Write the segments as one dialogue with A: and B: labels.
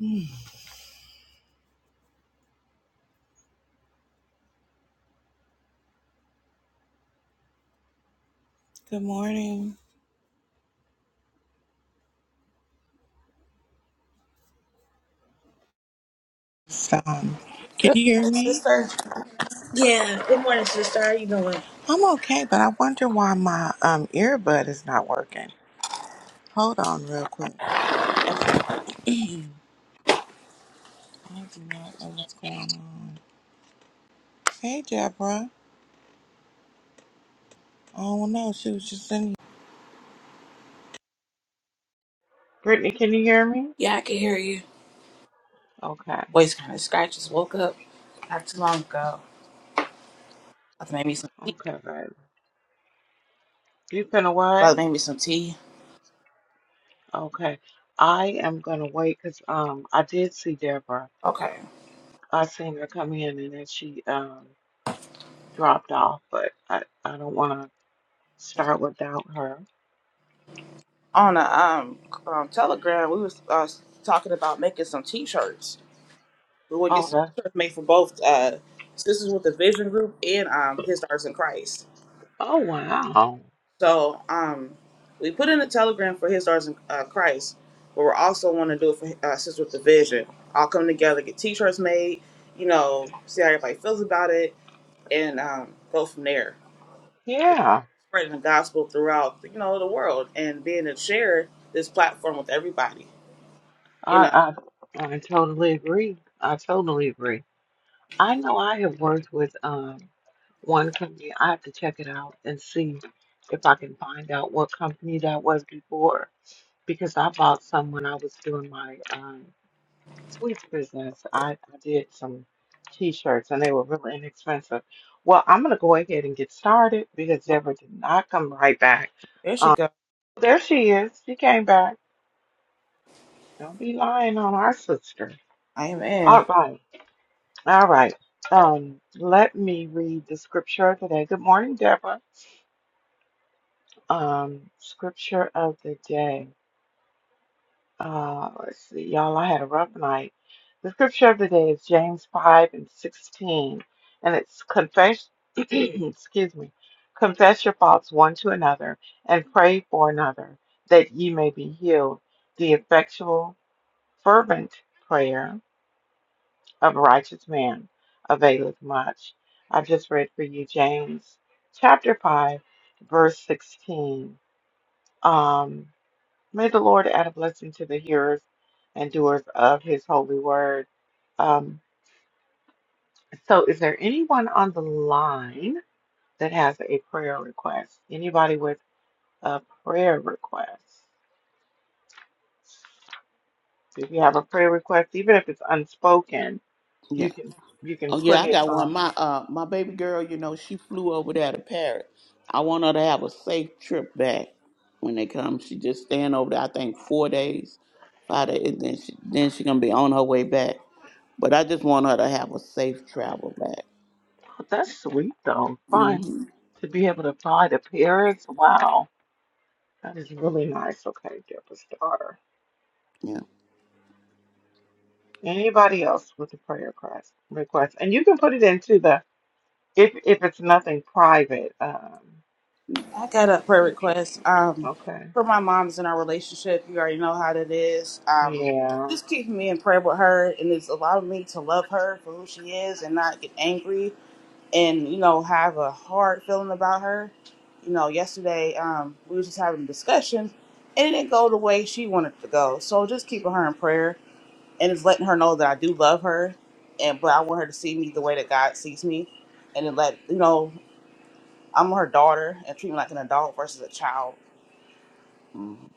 A: Mm, Good morning. So, um, can
B: Good
A: you hear
B: morning,
A: me?
B: sister. Yeah. Good morning, sister. How you doing?
A: I'm okay, but I wonder why my um earbud is not working. Hold on, real quick. I do not know what's going on. Hey, Deborah. I don't know. She was just in. Brittany, can you hear me?
B: Yeah, I can hear you.
A: Okay.
B: Voice kind of scratches. Woke up not too long ago. Brother made me some tea.
A: Okay, babe. You gonna what?
B: Brother made me some tea.
A: Okay. I am gonna wait because um I did see Deborah.
B: Okay.
A: I seen her come in and then she um dropped off, but I I don't want to start without her.
B: On a um, um Telegram, we was uh, talking about making some T-shirts. We want to get
A: Oh,
B: some
A: that's
B: T-shirts made for both uh sisters with the Vision Group and um His Stars in Christ.
A: Oh wow.
B: So um, we put in a telegram for His Stars in uh, Christ, but we are also want to do it for uh, Sisters with the Vision. All come together, get T-shirts made, you know, see how everybody feels about it, and um, go from there. So
A: Yeah.
B: spreading the gospel throughout, you know, the world and being to share this platform with everybody. You know,
A: I I, I totally agree. I totally agree. I know I have worked with um one company. I have to check it out and see if I can find out what company that was before because I bought some when I was doing my um, sweets business. I, I did some t-shirts and they were really inexpensive. Well, I'm gonna go ahead and get started because Deborah did not come right back.
B: there she
A: Um,
B: go.
A: there she is. She came back. Don't be lying on our sister.
B: Amen.
A: All right. All right. Um, let me read the scripture of the day. Good morning, Deborah. Um, scripture of the day. Uh, let's see, y'all. I had a rough night. The scripture of the day is James 5 and 16, and it's confess, excuse me, confess your faults one to another and pray for another that ye may be healed. The effectual, fervent prayer of a righteous man availeth much. I've just read for you James chapter 5, verse 16. Um, may the Lord add a blessing to the hearers and doers of his holy word. Um, so, is there anyone on the line that has a prayer request? Anybody with a prayer request? If you have a prayer request, even if it's unspoken,
C: Yeah.
A: you can you can
C: Oh yeah,
A: put
C: I
A: it
C: got one.
A: on.
C: My uh my baby girl, you know, she flew over there to Paris. I want her to have a safe trip back when they come. She just staying over there, I think four days, five days, and then she then she gonna be on her way back. But I just want her to have a safe travel back.
A: Oh, that's sweet though. Fun
C: hmm
A: to be able to fly to Paris. Wow, that is really nice. Okay, Deborah's daughter.
C: Yeah.
A: Anybody else with a prayer request? Request, and you can put it into the if if it's nothing private. Um,
B: I got a prayer
A: okay,
B: request. Um,
A: okay,
B: for my mom's in our relationship, you already know how that is. Um,
A: yeah.
B: just keeping me in prayer with her, and it's allowing me to love her for who she is, and not get angry, and you know have a hard feeling about her. You know, yesterday um, we were just having a discussion, and it didn't go the way she wanted it to go. So just keeping her in prayer, and just letting her know that I do love her, and but I want her to see me the way that God sees me, and then let you know. I'm her daughter and treat me like an adult versus a child.
C: Mm-hmm.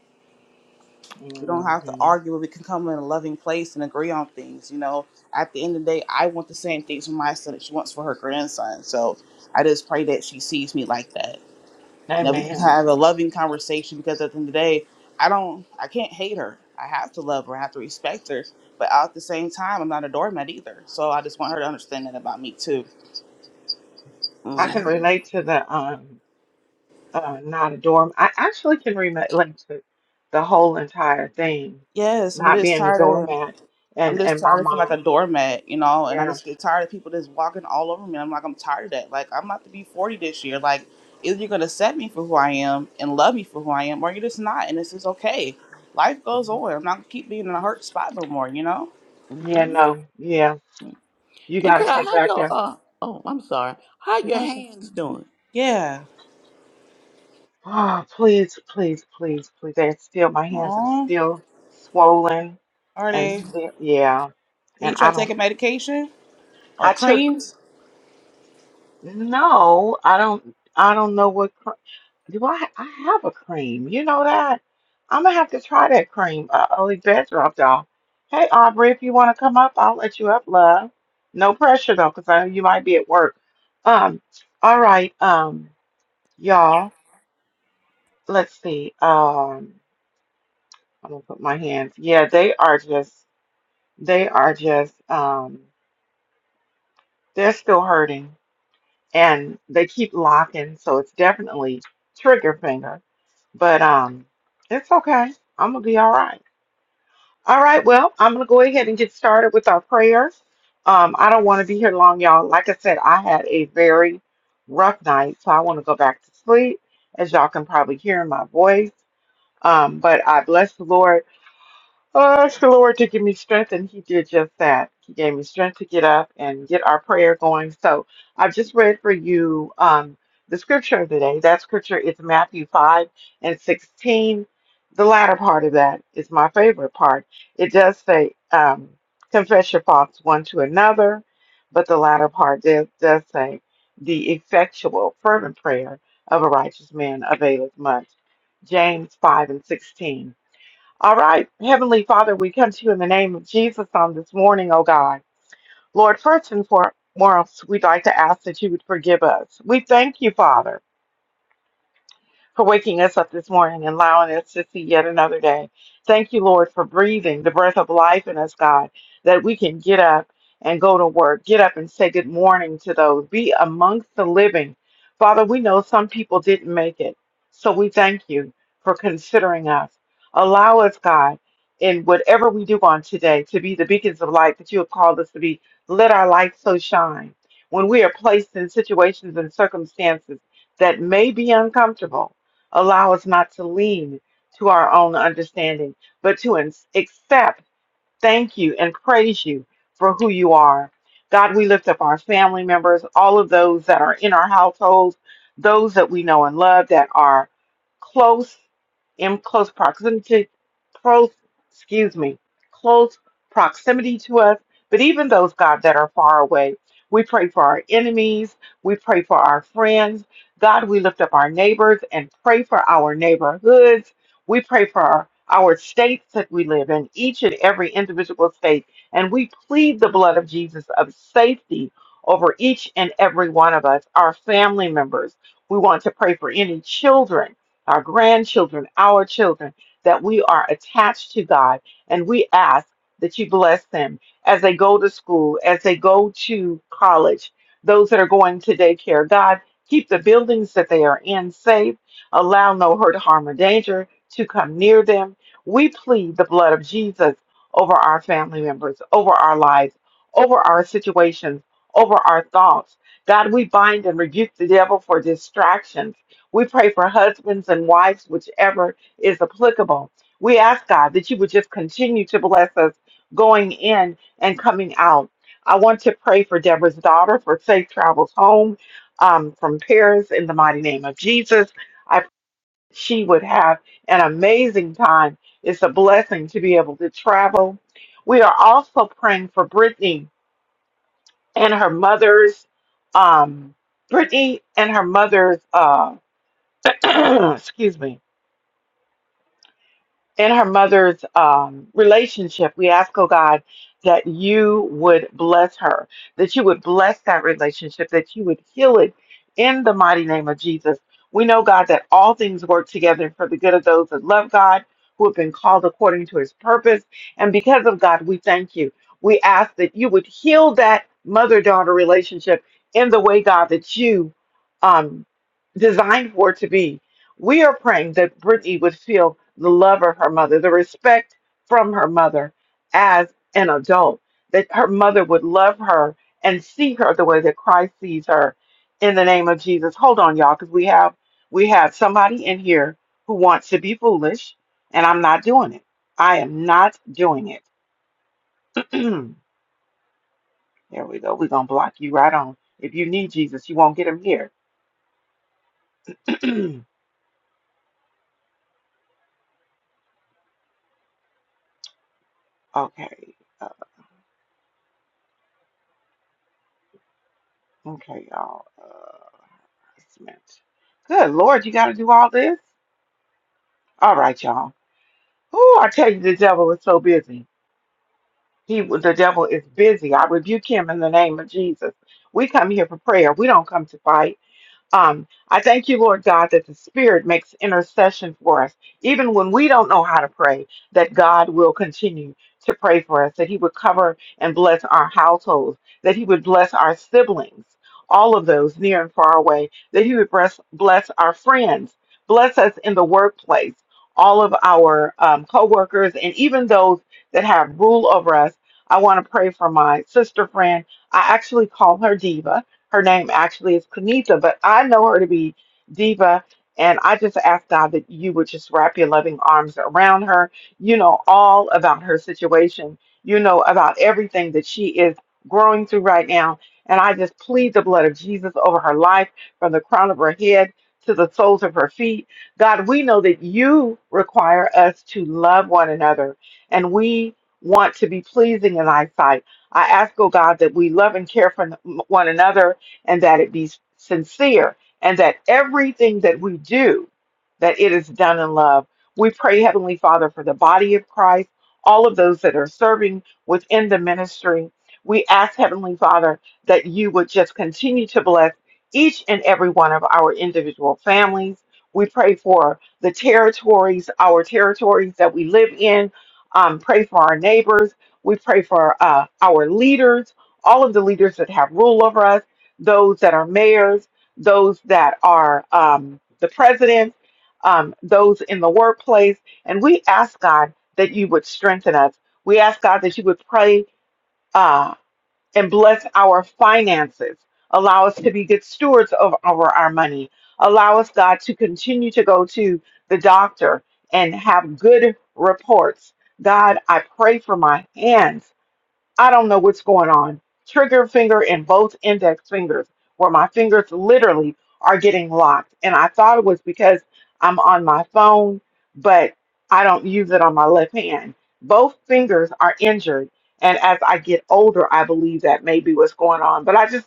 B: We don't have to
A: hmm
B: argue, but we can come in a loving place and agree on things. You know, at the end of the day, I want the same things for my son that she wants for her grandson. So I just pray that she sees me like that. And that we can
A: Amen.
B: have a loving conversation because at the end of the day, I don't, I can't hate her. I have to love her. I have to respect her. But at the same time, I'm not a doormat either. So I just want her to understand that about me too.
A: I can
C: Mm-hmm.
A: relate to the um uh not a dorm. I actually can relate like, to the whole entire thing,
B: Yes, I'm
A: not
B: just
A: being a
B: tired of.
A: doormat,
B: I'm
A: and
B: just
A: and my
B: tired of feeling like
A: mom.
B: a doormat, you know, and I
A: Yeah.
B: just get tired of people just walking all over me. I'm like, I'm tired of that. Like, I'm about to be 40 this year. Like, either you're going to accept me for who I am and love me for who I am, or you're just not. And this is okay. Life goes on. I'm not going to keep being in a hurt spot no more, you know?
A: Yeah,
C: Mm-hmm.
A: no. Yeah. You
C: And
A: gotta
C: Carol,
A: check
C: how
A: back
C: your
A: in.
C: uh oh, I'm sorry. How your
A: Okay.
C: hands doing?
B: Yeah.
A: Oh, please, please, please, please. They're still, my hands are
B: Aw.
A: still swollen
B: Are
A: and
B: they,
C: Mm-hmm.
A: still, yeah.
B: are you
A: And I
B: trying to take
A: don't,
B: a medication or
A: I took,
B: creams?
A: no, I don't, I don't know what, cr- do I, ha- I have a cream. You know that? I'm gonna have to try that cream. Uh, Olive Bed dropped off. Hey, Aubrey, if you wanna come up, I'll let you up, love. No pressure though, 'cause I know you might be at work. Um, all right, um, y'all. let's see. Um, I'm gonna put my hands. Yeah, they are just, they are just, um, they're still hurting and they keep locking, so it's definitely trigger finger. But um, it's okay. I'm gonna be all right. All right, well, I'm gonna go ahead and get started with our prayers. Um, I don't want to be here long, y'all. Like I said, I had a very rough night, so I want to go back to sleep, as y'all can probably hear in my voice. Um, but I bless the Lord Oh, ask the Lord to give me strength, and He did just that. He gave me strength to get up and get our prayer going. So I've just read for you um, the scripture of the day. That scripture is Matthew 5 and 16. The latter part of that is my favorite part. It does say, um, confess your faults one to another, but the latter part does, does say, the effectual, fervent prayer of a righteous man availeth much. James 5 and 16. All right, Heavenly Father, we come to you in the name of Jesus on this morning, oh God. Lord, first and foremost, we'd like to ask that you would forgive us. We thank you, Father for waking us up this morning and allowing us to see yet another day. Thank you, Lord, for breathing the breath of life in us, God, that we can get up and go to work, get up and say good morning to those, be amongst the living. Father, we know some people didn't make it, so we thank you for considering us. Allow us, God, in whatever we do on today to be the beacons of light that you have called us to be. Let our light so shine. When we are placed in situations and circumstances that may be uncomfortable, Allow us not to lean to our own understanding, but to in- accept thank you and praise you for who you are. God, we lift up our family members, all of those that are in our households, those that we know and love that are close in close proximity, close, excuse me, close proximity to us, but even those, God, that are far away. We pray for our enemies. We pray for our friends. God, we lift up our neighbors and pray for our neighborhoods we pray for our, our states that we live in, each and every individual state, and we plead the blood of Jesus of safety over each and every one of us, our family members. We want to pray for any children, our grandchildren, our children, that we are attached to God, and we ask that you bless them as they go to school, as they go to college, those that are going to daycare. God, keep the buildings that they are in safe. Allow no hurt, harm, or danger to come near them. We plead the blood of Jesus over our family members, over our lives, over our situations, over our thoughts. God, we bind and rebuke the devil for distractions. We pray for husbands and wives, whichever is applicable. We ask God that you would just continue to bless us going in and coming out. I want to pray for Deborah's daughter for safe travels home um, from Paris in the mighty name of Jesus she would have an amazing time. It's a blessing to be able to travel. We are also praying for Brittany and her mother's, um, Brittany and her mother's, uh, excuse me, in her mother's um, relationship, we ask, oh God, that you would bless her, that you would bless that relationship, that you would heal it in the mighty name of Jesus. We know, God, that all things work together for the good of those that love God, who have been called according to his purpose. And because of God, we thank you. We ask that you would heal that mother daughter relationship in the way, God, that you um, designed for it to be we are praying that Brittany would feel the love of her mother, the respect from her mother as an adult, that her mother would love her and see her the way that Christ sees her in the name of Jesus. Hold on, y'all, because we have we have somebody in here who wants to be foolish, and I'm not doing it. I am not doing it. there we go. We're gonna block you right on. If you need Jesus, you won't get him here. okay. Uh, okay, y'all. Uh, Testament. Good Lord, you got to do all this? All right, y'all. Oh, I tell you, the devil is so busy. He, the devil is busy. I rebuke him in the name of Jesus. We come here for prayer. We don't come to fight. Um, I thank you, Lord God, that the Spirit makes intercession for us, even when we don't know how to pray, that God will continue to pray for us, that He would cover and bless our households, that He would bless our siblings, all of those near and far away, that He would bless, bless our friends, bless us in the workplace, all of our um, co workers, and even those that have rule over us. I want to pray for my sister friend. I actually call her Diva her name actually is Quinita, but I know her to be Diva. And I just ask God that you would just wrap your loving arms around her. You know all about her situation. You know about everything that she is growing through right now. And I just plead the blood of Jesus over her life from the crown of her head to the soles of her feet. God, we know that you require us to love one another and we want to be pleasing in thy sight. I ask, oh God, that we love and care for one another and that it be sincere and that everything that we do that it is done in love we pray heavenly father for the body of christ all of those that are serving within the ministry we ask heavenly father that you would just continue to bless each and every one of our individual families we pray for the territories our territories that we live in um, pray for our neighbors we pray for uh, our leaders all of the leaders that have rule over us those that are mayors, those that are um, the president, um, those in the workplace. And we ask God that you would strengthen us. We ask God that you would pray uh, and bless our finances. Allow us to be good stewards of over our money. Allow us, God, to continue to go to the doctor and have good reports. God, I pray for my hands. I don't know what's going on. Trigger finger and both index fingers, where my fingers literally are getting locked. And I thought it was because I'm on my phone, but I don't use it on my left hand. Both fingers are injured. And as I get older, I believe that may be what's going on. But I just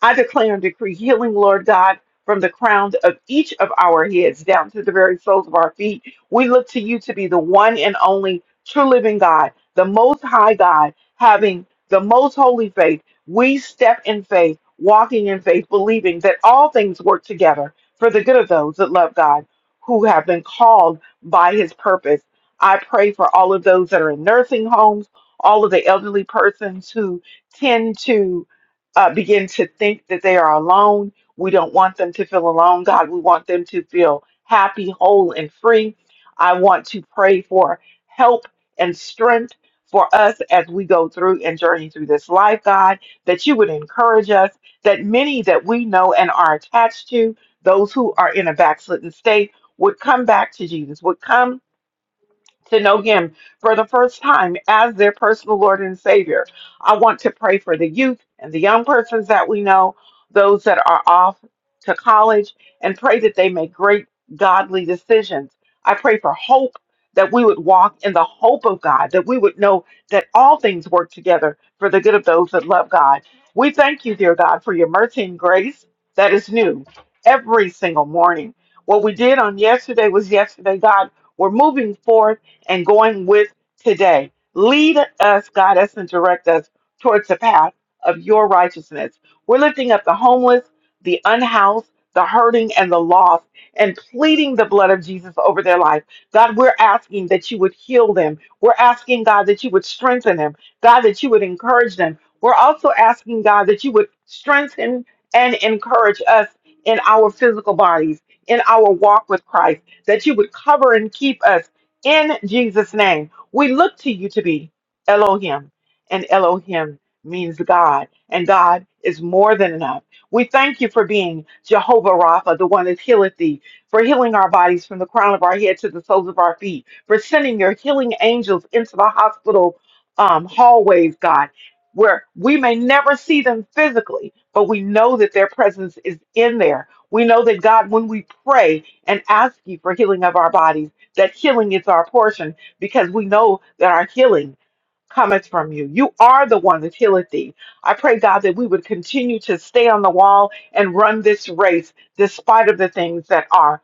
A: I declare and decree healing, Lord God, from the crown of each of our heads down to the very soles of our feet. We look to you to be the one and only true living God, the most high God, having the most holy faith. We step in faith, walking in faith, believing that all things work together for the good of those that love God, who have been called by his purpose. I pray for all of those that are in nursing homes, all of the elderly persons who tend to uh, begin to think that they are alone. We don't want them to feel alone, God. We want them to feel happy, whole, and free. I want to pray for help and strength for us as we go through and journey through this life, God, that you would encourage us, that many that we know and are attached to, those who are in a backslidden state, would come back to Jesus, would come to know Him for the first time as their personal Lord and Savior. I want to pray for the youth and the young persons that we know, those that are off to college, and pray that they make great godly decisions. I pray for hope that we would walk in the hope of God, that we would know that all things work together for the good of those that love God. We thank you, dear God, for your mercy and grace that is new every single morning. What we did on yesterday was yesterday, God. We're moving forth and going with today. Lead us, guide us, and direct us towards the path of your righteousness. We're lifting up the homeless, the unhoused, the hurting, and the lost, and pleading the blood of Jesus over their life. God, we're asking that you would heal them. We're asking, God, that you would strengthen them. God, that you would encourage them. We're also asking, God, that you would strengthen and encourage us in our physical bodies, in our walk with Christ, that you would cover and keep us in Jesus' name, we look to you to be Elohim, and Elohim means God, and God is more than enough. We thank you for being Jehovah Rapha, the one that healeth thee, for healing our bodies from the crown of our head to the soles of our feet, for sending your healing angels into the hospital um, hallways, God, where we may never see them physically, but we know that their presence is in there. We know that, God, when we pray and ask you for healing of our bodies, that healing is our portion because we know that our healing cometh from you. You are the one that healeth thee. I pray, God, that we would continue to stay on the wall and run this race despite of the things that are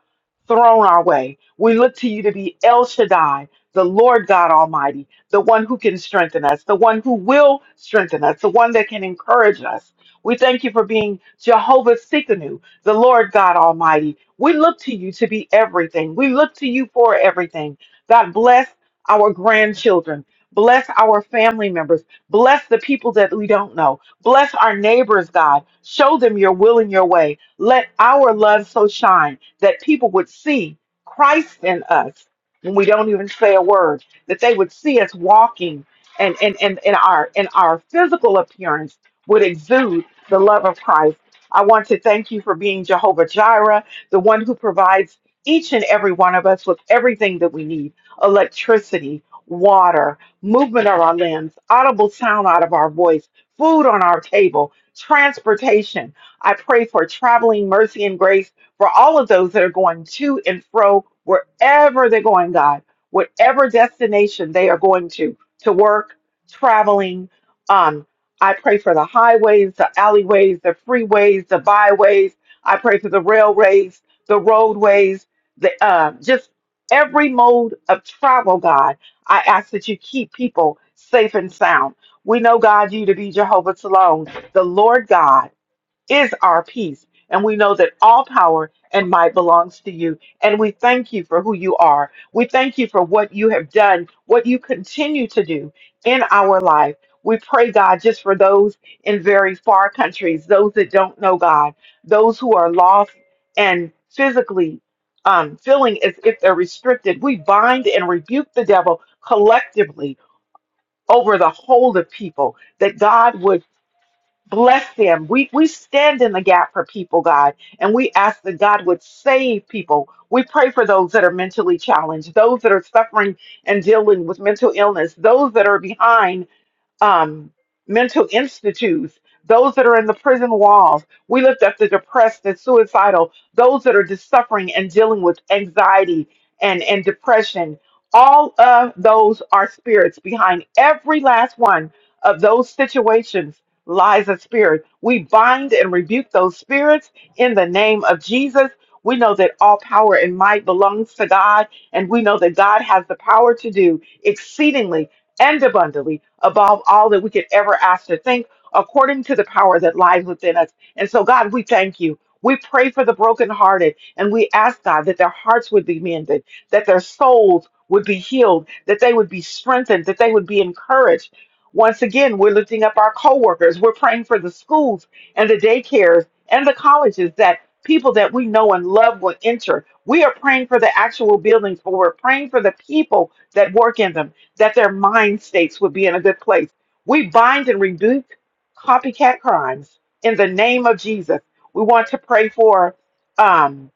A: thrown our way. We look to you to be El Shaddai, the Lord God Almighty, the one who can strengthen us, the one who will strengthen us, the one that can encourage us. We thank you for being Jehovah Sikkenu, the Lord God Almighty. We look to you to be everything. We look to you for everything. God bless our grandchildren. Bless our family members. Bless the people that we don't know. Bless our neighbors, God. Show them your will and your way. Let our love so shine that people would see Christ in us when we don't even say a word, that they would see us walking and, and, and, and our and our physical appearance would exude the love of Christ. I want to thank you for being Jehovah Jireh, the one who provides each and every one of us with everything that we need electricity, water, movement of our limbs, audible sound out of our voice, food on our table, transportation. I pray for traveling mercy and grace for all of those that are going to and fro, wherever they're going, God, whatever destination they are going to, to work, traveling. Um, I pray for the highways, the alleyways, the freeways, the byways. I pray for the railways, the roadways, the uh, just every mode of travel, God. I ask that you keep people safe and sound. We know, God, you to be Jehovah Salome, the Lord God is our peace. And we know that all power and might belongs to you. And we thank you for who you are. We thank you for what you have done, what you continue to do in our life. We pray, God, just for those in very far countries, those that don't know God, those who are lost and physically um, feeling as if they're restricted. We bind and rebuke the devil collectively over the whole of people, that God would Bless them. We we stand in the gap for people, God, and we ask that God would save people. We pray for those that are mentally challenged, those that are suffering and dealing with mental illness, those that are behind um, mental institutes, those that are in the prison walls. We lift up the depressed and suicidal, those that are just suffering and dealing with anxiety and, and depression. All of those are spirits. Behind every last one of those situations lies a spirit. We bind and rebuke those spirits in the name of Jesus. We know that all power and might belongs to God, and we know that God has the power to do exceedingly and abundantly above all that we could ever ask or think, according to the power that lies within us. And so, God, we thank you. We pray for the brokenhearted, and we ask God that their hearts would be mended, that their souls would be healed, that they would be strengthened, that they would be encouraged. Once again, we're lifting up our coworkers. We're praying for the schools and the daycares and the colleges that people that we know and love will enter. We are praying for the actual buildings, but we're praying for the people that work in them that their mind states would be in a good place. We bind and rebuke copycat crimes in the name of Jesus. We want to pray for. um,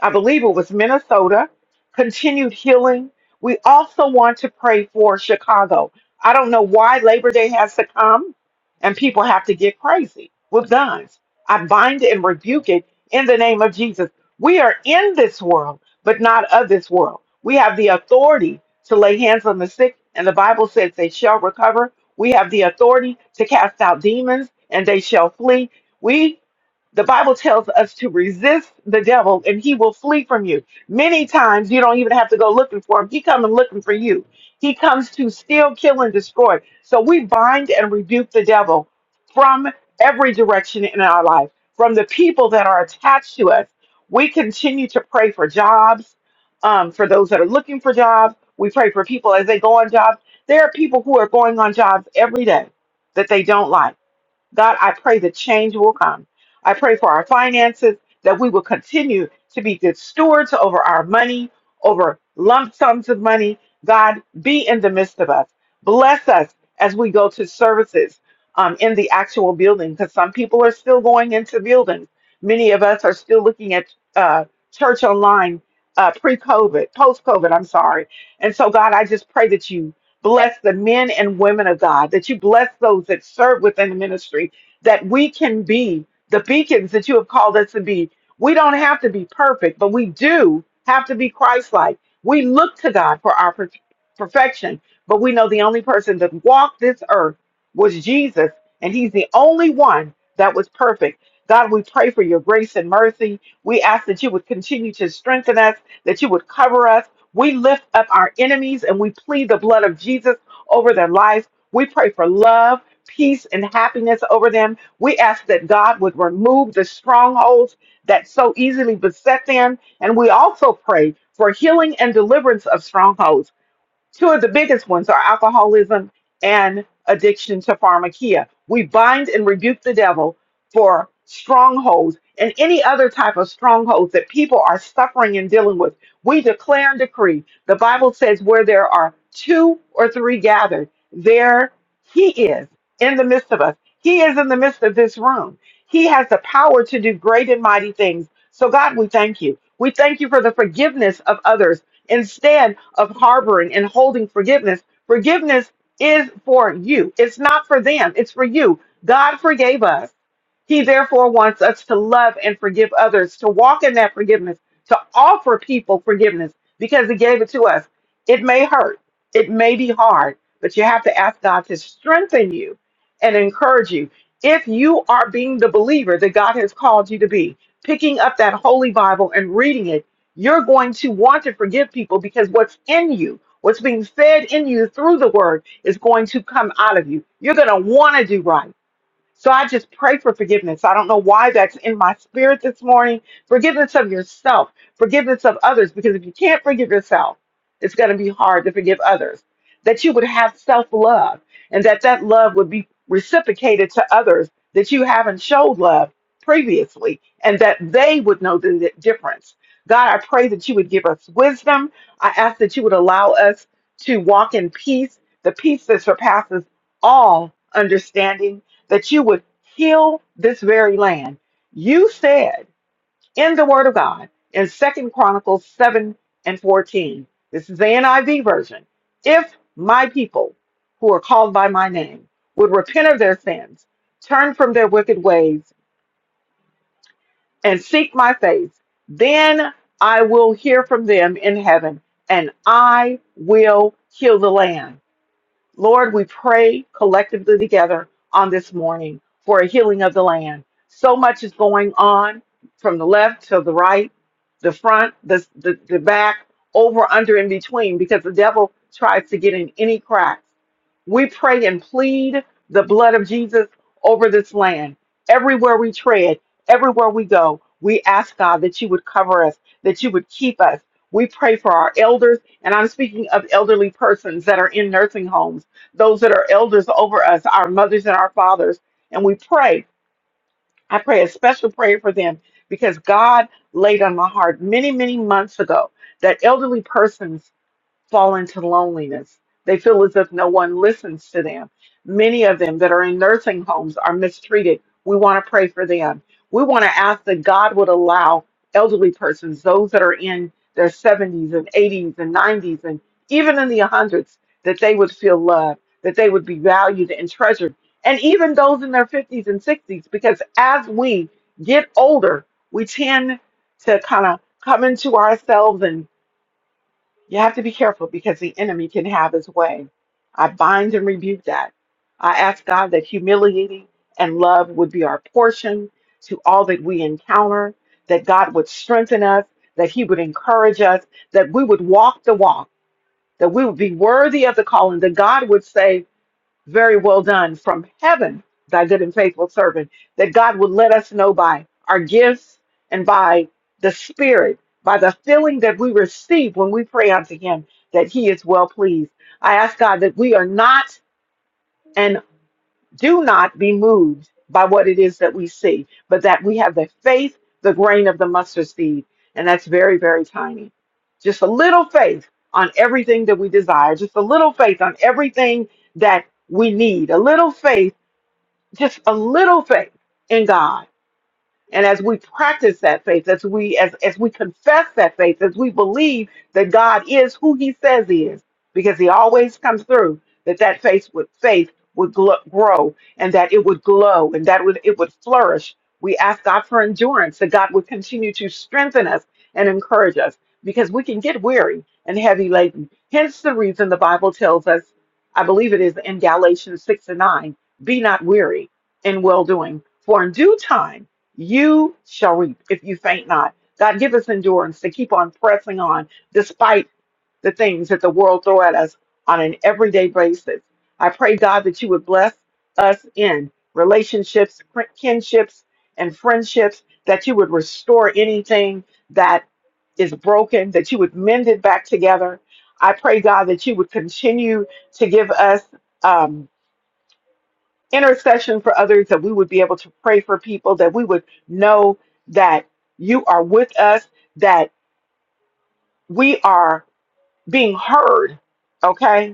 A: I believe it was Minnesota, continued healing. We also want to pray for Chicago. I don't know why Labor Day has to come and people have to get crazy with guns. I bind and rebuke it in the name of Jesus. We are in this world, but not of this world. We have the authority to lay hands on the sick, and the Bible says they shall recover. We have the authority to cast out demons, and they shall flee. We. The Bible tells us to resist the devil and he will flee from you. Many times you don't even have to go looking for him. He comes looking for you. He comes to steal, kill, and destroy. So we bind and rebuke the devil from every direction in our life, from the people that are attached to us. We continue to pray for jobs, um, for those that are looking for jobs. We pray for people as they go on jobs. There are people who are going on jobs every day that they don't like God, I pray the change will come. I pray for our finances that we will continue to be good stewards over our money, over lump sums of money. God, be in the midst of us. Bless us as we go to services um, in the actual building, because some people are still going into buildings. Many of us are still looking at uh, church online uh, pre COVID, post COVID, I'm sorry. And so, God, I just pray that you Bless the men and women of God, that you bless those that serve within the ministry, that we can be the beacons that you have called us to be. We don't have to be perfect, but we do have to be Christ like. We look to God for our per- perfection, but we know the only person that walked this earth was Jesus, and he's the only one that was perfect. God, we pray for your grace and mercy. We ask that you would continue to strengthen us, that you would cover us we lift up our enemies and we plead the blood of Jesus over their lives. We pray for love, peace, and happiness over them. We ask that God would remove the strongholds that so easily beset them. And we also pray for healing and deliverance of strongholds. Two of the biggest ones are alcoholism and addiction to pharmakia. We bind and rebuke the devil for strongholds and any other type of strongholds that people are suffering and dealing with. We declare and decree. The Bible says, where there are two or three gathered, there he is in the midst of us. He is in the midst of this room. He has the power to do great and mighty things. So, God, we thank you. We thank you for the forgiveness of others instead of harboring and holding forgiveness. Forgiveness is for you, it's not for them, it's for you. God forgave us. He therefore wants us to love and forgive others, to walk in that forgiveness, to offer people forgiveness because He gave it to us. It may hurt, it may be hard, but you have to ask God to strengthen you and encourage you. If you are being the believer that God has called you to be, picking up that holy Bible and reading it you're going to want to forgive people because what's in you, what's being fed in you through the word, is going to come out of you. You're going to want to do right. So I just pray for forgiveness. I don't know why that's in my spirit this morning. Forgiveness of yourself, forgiveness of others, because if you can't forgive yourself, it's going to be hard to forgive others. That you would have self love and that that love would be reciprocated to others that you haven't showed love previously and that they would know the di- difference. God, I pray that you would give us wisdom. I ask that you would allow us to walk in peace, the peace that surpasses all understanding that you would heal this very land. You said in the word of God in Second Chronicles 7 and 14, this is the NIV version, if my people who are called by my name would repent of their sins, turn from their wicked ways, and seek my face, then I will hear from them in heaven and I will heal the land. Lord, we pray collectively together on this morning for a healing of the land. So much is going on from the left to the right, the front, the, the, the back, over, under, in between, because the devil tries to get in any cracks. We pray and plead the blood of Jesus over this land. Everywhere we tread, everywhere we go, we ask God that you would cover us, that you would keep us. We pray for our elders, and I'm speaking of elderly persons that are in nursing homes, those that are elders over us, our mothers and our fathers. And we pray, I pray a special prayer for them because God laid on my heart many, many months ago that elderly persons fall into loneliness. They feel as if no one listens to them. Many of them that are in nursing homes are mistreated. We want to pray for them. We want to ask that God would allow elderly persons, those that are in their 70s and 80s and 90s and even in the 100s, that they would feel loved, that they would be valued and treasured. And even those in their 50s and 60s, because as we get older, we tend to kind of come into ourselves and. You have to be careful because the enemy can have his way. I bind and rebuke that. I ask God that humiliating and love would be our portion to all that we encounter, that God would strengthen us, that He would encourage us, that we would walk the walk, that we would be worthy of the calling, that God would say, very well done from heaven, thy good and faithful servant, that God would let us know by our gifts and by the Spirit, by the feeling that we receive when we pray unto Him, that He is well pleased. I ask God that we are not an do not be moved by what it is that we see, but that we have the faith, the grain of the mustard seed. And that's very, very tiny. Just a little faith on everything that we desire, just a little faith on everything that we need, a little faith, just a little faith in God and as we practice that faith, as we as as we confess that faith, as we believe that God is who He says He is, because He always comes through, that that faith would faith would gl- grow, and that it would glow, and that would it would flourish. We ask God for endurance, that God would continue to strengthen us and encourage us, because we can get weary and heavy laden. Hence the reason the Bible tells us, I believe it is in Galatians six and nine, be not weary in well doing, for in due time you shall reap if you faint not. God, give us endurance to keep on pressing on despite the things that the world throw at us on an everyday basis. I pray, God, that you would bless us in relationships, fri- kinships, and friendships, that you would restore anything that is broken, that you would mend it back together. I pray, God, that you would continue to give us. Um, intercession for others, that we would be able to pray for people, that we would know that you are with us, that we are being heard, okay?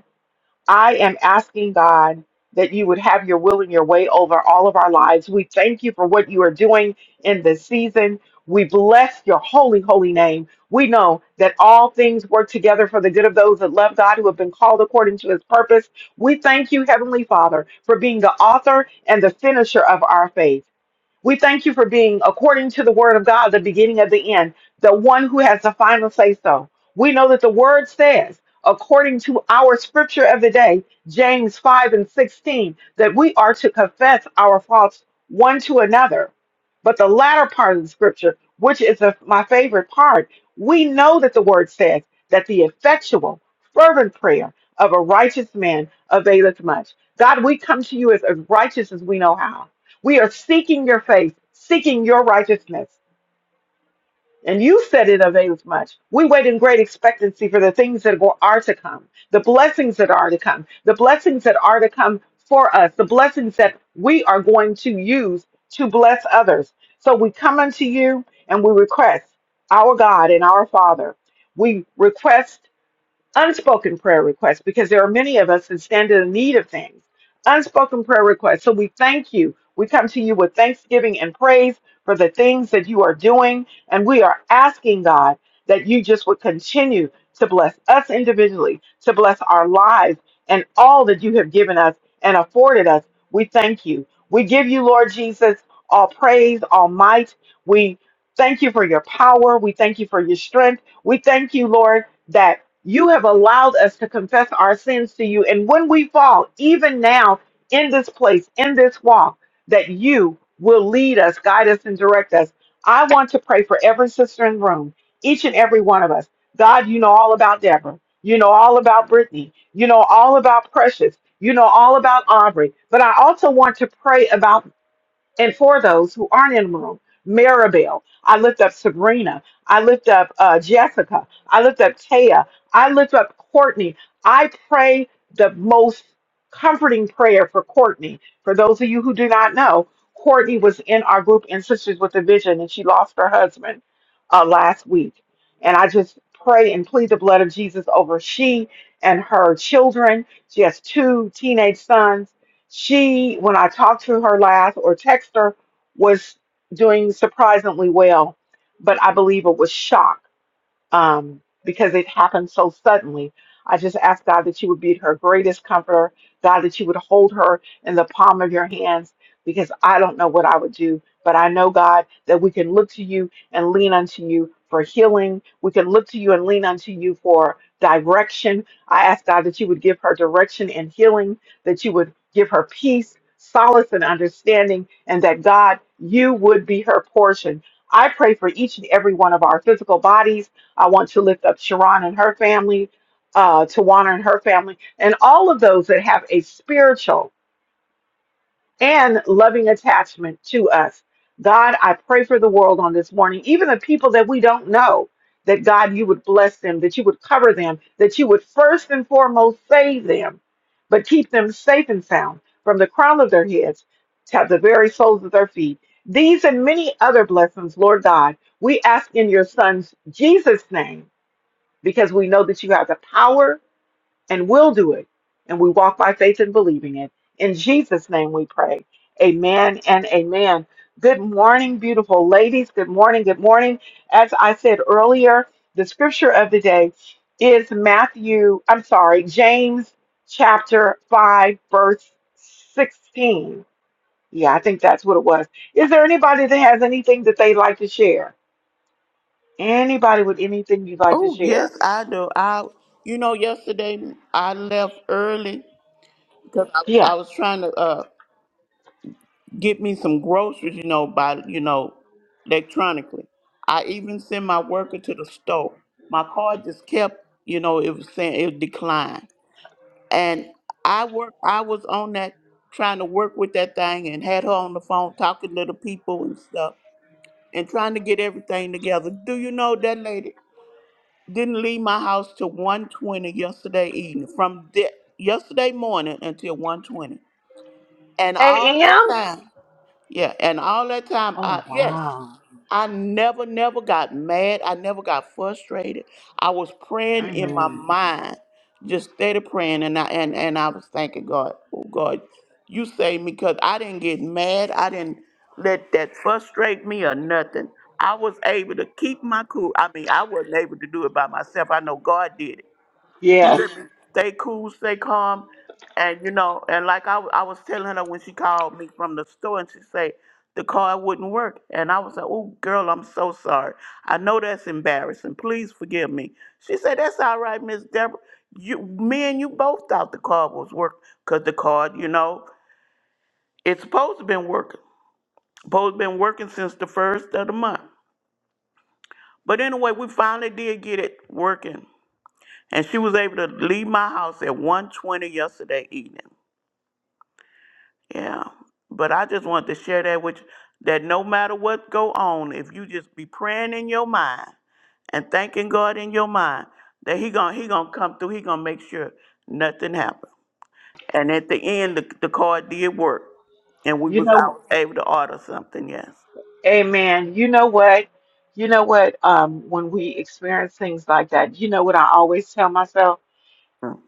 A: I am asking God that you would have your will and your way over all of our lives. We thank you for what you are doing in this season. We bless your holy, holy name. We know that all things work together for the good of those that love God, who have been called according to his purpose. We thank you, Heavenly Father, for being the author and the finisher of our faith. We thank you for being, according to the word of God, the beginning of the end, the one who has the final say so. We know that the word says, according to our scripture of the day, James 5 and 16, that we are to confess our faults one to another. But the latter part of the scripture, which is the- my favorite part, we know that the word says that the effectual, fervent prayer of a righteous man availeth much. God, we come to you as, as righteous as we know how. We are seeking your face, seeking your righteousness. And you said it avails much. We wait in great expectancy for the things that will- are to come, the blessings that are to come, the blessings that are to come for us, the blessings that we are going to use to bless others. So we come unto you and we request our God and our Father. We request unspoken prayer requests because there are many of us that stand in need of things. Unspoken prayer requests. So we thank you. We come to you with thanksgiving and praise for the things that you are doing. And we are asking, God, that you just would continue to bless us individually, to bless our lives and all that you have given us and afforded us. We thank you. We give you, Lord Jesus, all praise, all might. We thank you for your power. We thank you for your strength. We thank you, Lord, that. You have allowed us to confess our sins to you. And when we fall, even now in this place, in this walk, that you will lead us, guide us, and direct us. I want to pray for every sister in the room, each and every one of us. God, you know all about Deborah. You know all about Brittany. You know all about Precious. You know all about Aubrey. But I also want to pray about and for those who aren't in the room, Maribel, I lift up Sabrina, I lift up uh, Jessica, I lift up Taya, I lift up Courtney. I pray the most comforting prayer for Courtney. For those of you who do not know, Courtney was in our group in Sisters with a Vision, and she lost her husband uh, last week. And I just pray and plead the blood of Jesus over she and her children. She has two teenage sons she, when I talked to her last or text her, was doing surprisingly well, but I believe it was shock um, because it happened so suddenly. I just ask God that you would be her greatest comforter, God, that you would hold her in the palm of your hands, because I don't know what I would do. But I know, God, that we can look to you and lean unto you for healing. We can look to you and lean unto you for direction. I ask God that you would give her direction and healing, that you would give her peace, solace, and understanding, and that, God, you would be her portion. I pray for each and every one of our physical bodies. I want to lift up Sharon and her family, uh, Tawana and her family, and all of those that have a spiritual and loving attachment to us. God, I pray for the world on this morning, even the people that we don't know, that God, you would bless them, that you would cover them, that you would first and foremost save them, but keep them safe and sound from the crown of their heads to the very soles of their feet. These and many other blessings, Lord God, we ask in your Son's Jesus' name because we know that you have the power and will do it. And we walk by faith and believing it. In Jesus' name we pray. Amen and amen. Good morning, beautiful ladies. Good morning. Good morning. As I said earlier, the scripture of the day is Matthew, I'm sorry, James chapter 5, verse 16. Yeah, I think that's what it was. Is there anybody that has anything that they'd like to share? Anybody with anything you'd like to
C: Oh yes,
A: share?
C: I do. I you know yesterday I left early because I was
A: Yeah.
C: I was trying to uh get me some groceries. You know by you know electronically. I even sent my worker to the store. My card just kept you know it was saying it declined, and I work I was on that trying to work with that thing and had her on the phone talking to the people and stuff and trying to get everything together. Do you know that lady? didn't leave my house till one twenty yesterday evening from the, yesterday morning until one twenty, and all that
A: AM?
C: time yeah and all that time i
A: Oh
C: yes
A: wow.
C: I never, never got mad. I never got frustrated. I was praying in my
A: Amen.
C: mind, just steady praying, and I and, and I was thanking God, oh God, you saved me because I didn't get mad. I didn't let that frustrate me or nothing. I was able to keep my cool. I mean, I wasn't able to do it by myself. I know God did it he
A: Yes.
C: let me stay cool, stay calm, and you know, and like I, I was telling her when she called me from the store, and she said the car wouldn't work, and I was like, "Oh, girl, I'm so sorry. I know that's embarrassing. Please forgive me." She said, "That's all right, Miss Deborah. You, me, and you both thought the car was working, cause the car, you know, it's supposed to been working. Supposed been working since the first of the month. But anyway, we finally did get it working, and she was able to leave my house at one twenty yesterday evening." Yeah, but I just wanted to share that with you, that no matter what go on, if you just be praying in your mind and thanking God in your mind, that he gonna he gonna come through. He gonna make sure nothing happen. And at the end, the, the card did work, and we
A: You
C: was I
A: know
C: was able to order something. Yes.
A: Amen. You know what? You know what? Um when we experience things like that, you know what I always tell myself?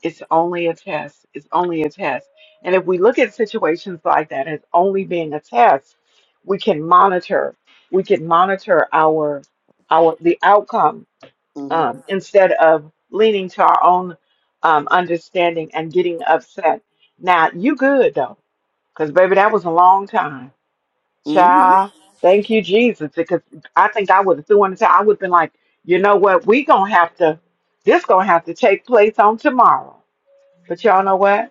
A: It's only a test. It's only a test. And if we look at situations like that as only being a test, we can monitor. We can monitor our our the outcome
C: Mm-hmm.
A: um, instead of leaning to our own um, understanding and getting upset. Now you good though Because, baby, that was a long time.
C: Mm-hmm.
A: Child, thank you, Jesus. Because I think I would have threw in the towel. I would have been like, you know what? we going to have to, this going to have to take place on tomorrow. But y'all know what?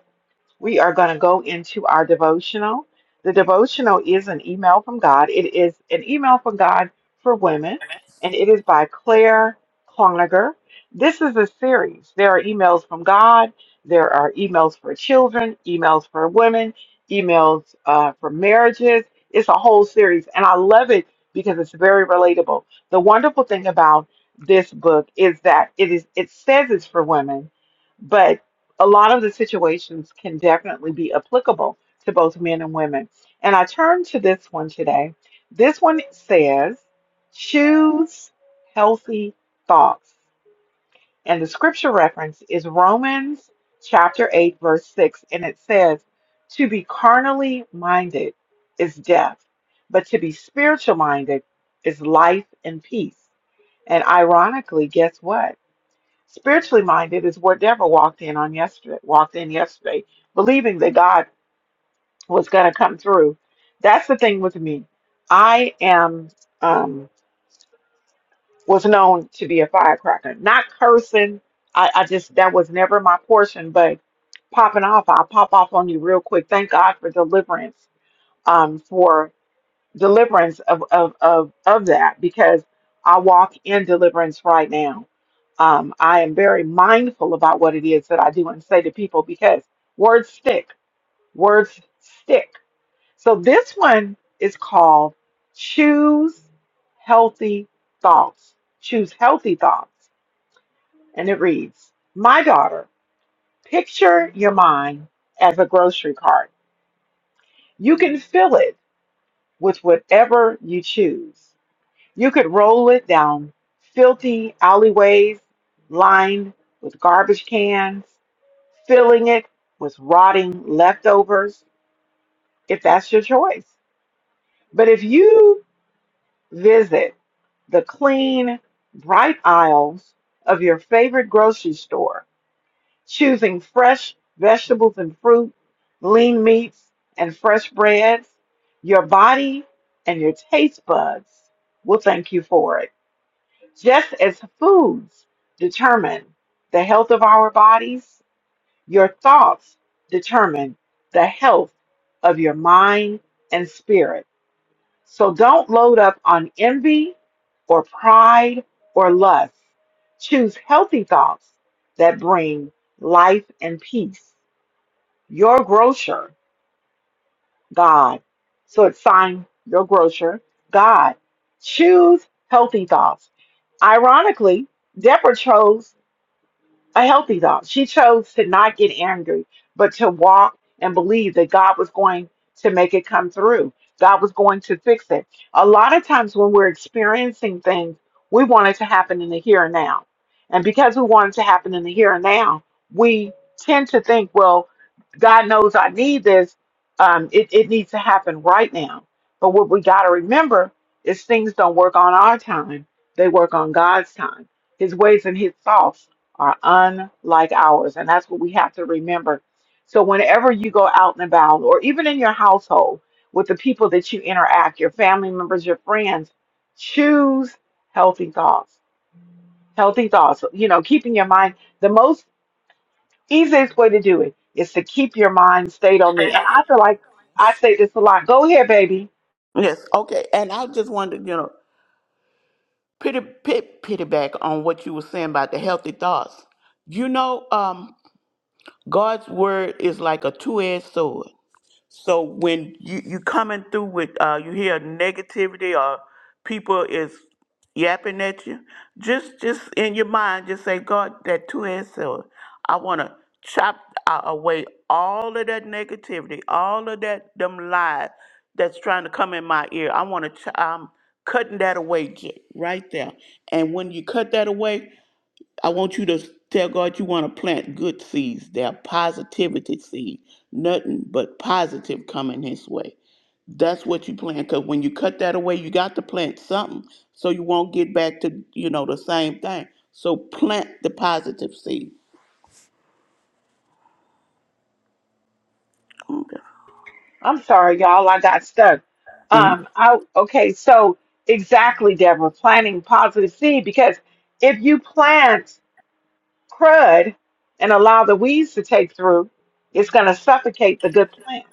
A: We are going to go into our devotional. The devotional is an email from God. It is an email from God for women, and it is by Claire Kloniger. This is a series. There are emails from God, there are emails for children, emails for women, emails uh, for marriages. It's a whole series, and I love it because it's very relatable. The wonderful thing about this book is that it is it says it's for women, but a lot of the situations can definitely be applicable to both men and women. And I turn to this one today. This one says, choose healthy thoughts. And the scripture reference is Romans chapter 8, verse 6. And it says, to be carnally minded is death, but to be spiritual minded is life and peace. And ironically, guess what? Spiritually minded is what Deborah walked in on yesterday, walked in yesterday, believing that God was going to come through. That's the thing with me. I am um, was known to be a firecracker, not cursing. I, I just that was never my portion, but popping off, I'll pop off on you real quick. Thank God for deliverance um, for deliverance of, of, of, of that because I walk in deliverance right now. Um, I am very mindful about what it is that I do and say to people because words stick, words stick. So this one is called Choose Healthy Thoughts. Choose Healthy Thoughts. And it reads My daughter, picture your mind as a grocery cart. You can fill it with whatever you choose. You could roll it down filthy alleyways lined with garbage cans, filling it with rotting leftovers, if that's your choice. But if you visit the clean, bright aisles of your favorite grocery store, choosing fresh vegetables and fruit, lean meats, and fresh breads, your body and your taste buds will thank you for it. Just as foods determine the health of our bodies, your thoughts determine the health of your mind and spirit. So don't load up on envy or pride or lust. Choose healthy thoughts that bring life and peace. Your grocer, God. So it's signed your grocer, God. Choose healthy thoughts. Ironically, Deborah chose a healthy dog. She chose to not get angry, but to walk and believe that God was going to make it come through. God was going to fix it. A lot of times when we're experiencing things, we want it to happen in the here and now. And because we want it to happen in the here and now, we tend to think, well, God knows I need this. Um, it, it needs to happen right now. But what we got to remember is things don't work on our time, they work on God's time, His ways and His thoughts are unlike ours. And that's what we have to remember. So, whenever you go out and about, or even in your household with the people that you interact, your family members, your friends, choose healthy thoughts. Healthy thoughts, you know, keeping your mind the most easiest way to do it is to keep your mind stayed on me. And I feel like I say this a lot go ahead, baby.
C: Yes. Okay. And I just wanted to, you know, pity pit pity back on what you were saying about the healthy thoughts. You know, um, God's word is like a two-edged sword. So when you you coming through with uh, you hear negativity or people is yapping at you, just just in your mind, just say, God, that two-edged sword. I want to chop a- away all of that negativity, all of that them lies that's trying to come in my ear. I want to. Ch- I'm cutting that away, J- right there. And when you cut that away, I want you to tell God you want to plant good seeds. They're positivity seed. Nothing but positive coming his way. That's what you plant. Cause when you cut that away, you got to plant something so you won't get back to, you know, the same thing. So plant the positive seed. Okay.
A: I'm sorry, y'all. I got stuck.
C: Mhm.
A: Um, I okay. So exactly, Deborah, planting positive seed because if you plant crud and allow the weeds to take through, it's going to suffocate the good plant.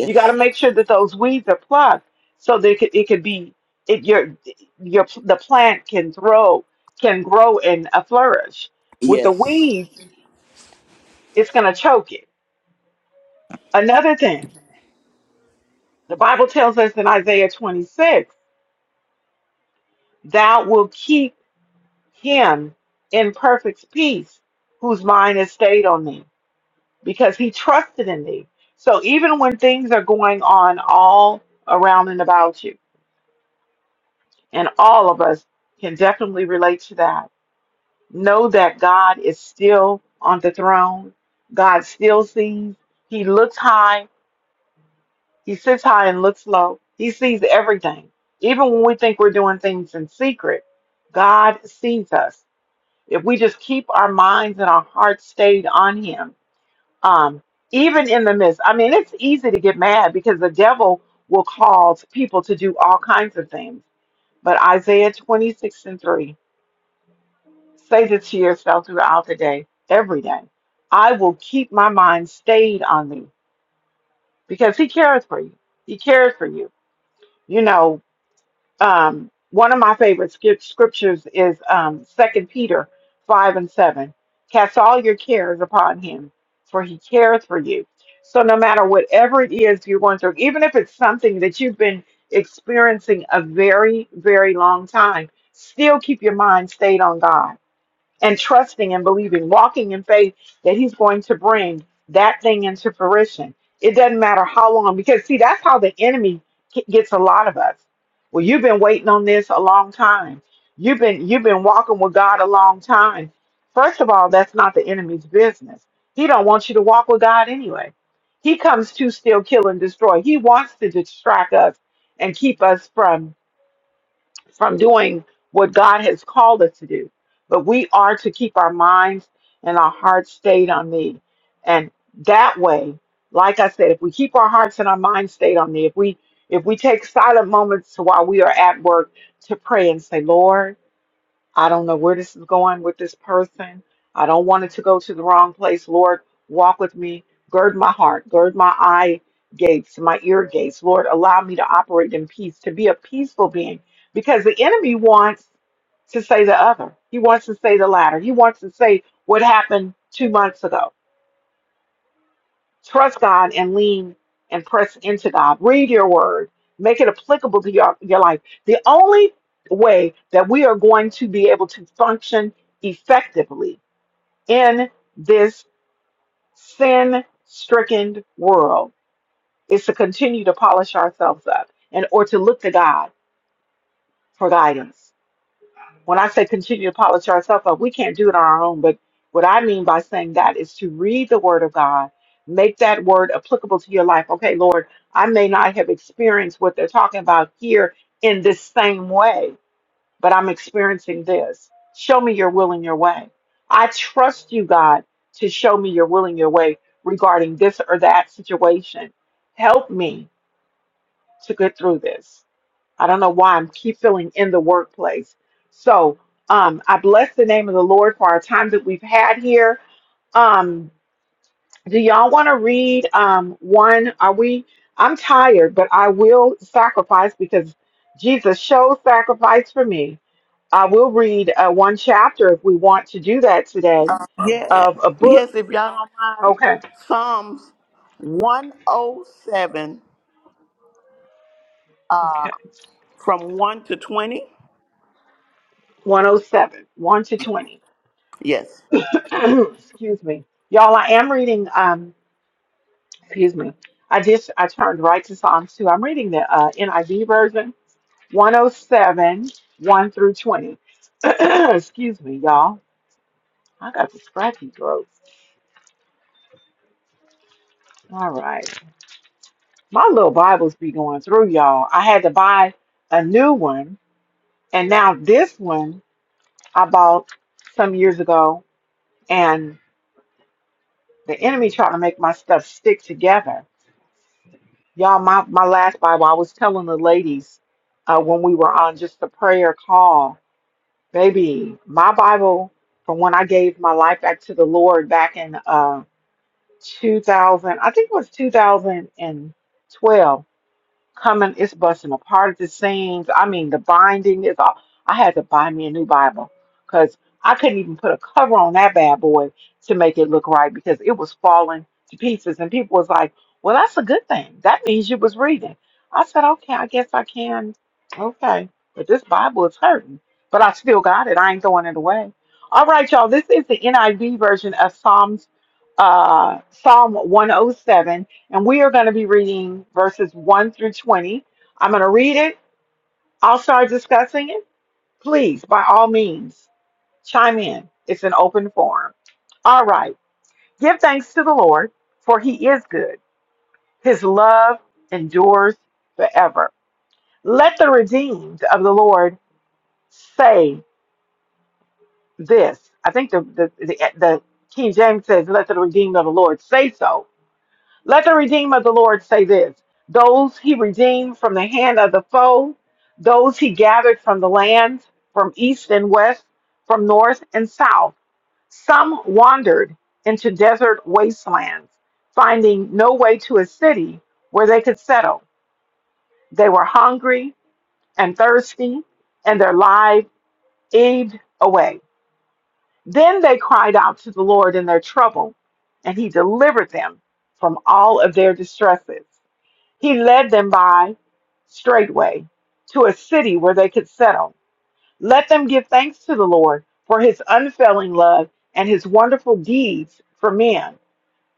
A: You got to make sure that those weeds are plucked so that it could, it could be it, your your the plant can grow can grow and uh, flourish. With the
C: Yes.
A: weeds, it's going to choke it. Another thing, the Bible tells us in Isaiah 26. Thou will keep him in perfect peace whose mind is stayed on thee because he trusted in thee. So even when things are going on all around and about you, and all of us can definitely relate to that, know that God is still on the throne. God still sees. He looks high. He sits high and looks low. He sees everything. Even when we think we're doing things in secret, God sees us. if we just keep our minds and our hearts stayed on him um even in the midst i mean it's easy to get mad because the devil will cause people to do all kinds of things but isaiah 26 and 3 say this to yourself throughout the day every day i will keep my mind stayed on thee because he cares for you he cares for you you know um, one of my favorite scrip- scriptures is um, 2 Peter 5 and 7. Cast all your cares upon him, for he cares for you. So, no matter whatever it is you're going through, even if it's something that you've been experiencing a very, very long time, still keep your mind stayed on God and trusting and believing, walking in faith that He's going to bring that thing into fruition. It doesn't matter how long, because see, that's how the enemy g- gets a lot of us. Well, you've been waiting on this a long time. You've been you've been walking with God a long time. First of all, that's not the enemy's business. He don't want you to walk with God anyway. He comes to steal, kill, and destroy. He wants to distract us and keep us from from doing what God has called us to do. But we are to keep our minds and our hearts stayed on thee. And that way, like I said, if we keep our hearts and our minds stayed on thee, if we if we take silent moments while we are at work to pray and say, Lord, I don't know where this is going with this person. I don't want it to go to the wrong place. Lord, walk with me. Gird my heart, gird my eye gates, my ear gates. Lord, allow me to operate in peace, to be a peaceful being, because the enemy wants to say the other. He wants to say the latter. He wants to say what happened two months ago. Trust God and lean and press into God. Read your word, make it applicable to your, your life. The only way that we are going to be able to function effectively in this sin stricken world is to continue to polish ourselves up and or to look to God for guidance. when I say continue to polish ourselves up, we can't do it on our own. But what I mean by saying that is to read the Word of God, make that Word applicable to your life. Okay, Lord, I may not have experienced what they're talking about here in this same way, but I'm experiencing this. Show me your will and your way. I trust you, God, to show me your will and your way regarding this or that situation. Help me to get through this. I don't know why I'm keep feeling in the workplace. So um, I bless the name of the Lord for our time that we've had here. Um, do y'all want to read um, one? Are we? I'm tired, but I will sacrifice because Jesus shows sacrifice for me. I will read uh, one chapter if we want to do that today
C: Yeah.
A: of a book.
C: Yes, if y'all don't mind,
A: Okay.
C: Psalms 107 uh,
A: Okay.
C: from 1 to 20.
A: 107, 1 to 20.
C: Yes.
A: Excuse me. Y'all, I am reading. um, Excuse me. I just I turned right to Psalms 2. I'm reading the uh, NIV version, one oh seven one through 20. Excuse me, y'all. I got the scratchy throat. All right. My little Bibles be going through, y'all. I had to buy a new one, and now this one I bought some years ago, and the enemy trying to make my stuff stick together. Y'all, my, my last Bible, I was telling the ladies uh, when we were on just a prayer call Baby, my Bible from when I gave my life back to the Lord back in uh 2000, I think it was 2012 coming, it's busting apart at the seams. I mean, the binding is all. I had to buy me a new Bible because I couldn't even put a cover on that bad boy to make it look right because it was falling to pieces. And people was like, "Well, that's a good thing. That means you was reading." I said, "Okay, I guess I can." Okay, but this Bible is hurting, but I still got it. I ain't throwing it away. All right, y'all. This is the NIV version of Psalms, uh, Psalm 107 and we are going to be reading verses 1 through 20. I'm going to read it. I'll start discussing it. Please, by all means, chime in. It's an open forum. All right. Give thanks to the Lord, for he is good. His love endures forever. Let the redeemed of the Lord say this. I think the, the, the, the King James says, Let the redeemed of the Lord say so. Let the redeemer of the Lord say this those he redeemed from the hand of the foe, those he gathered from the lands, from east and west, from north and south. Some wandered into desert wastelands, finding no way to a city where they could settle. They were hungry and thirsty, and their lives ebbed away. Then they cried out to the Lord in their trouble, and he delivered them from all of their distresses. He led them by straightway to a city where they could settle. Let them give thanks to the Lord for his unfailing love and his wonderful deeds for men.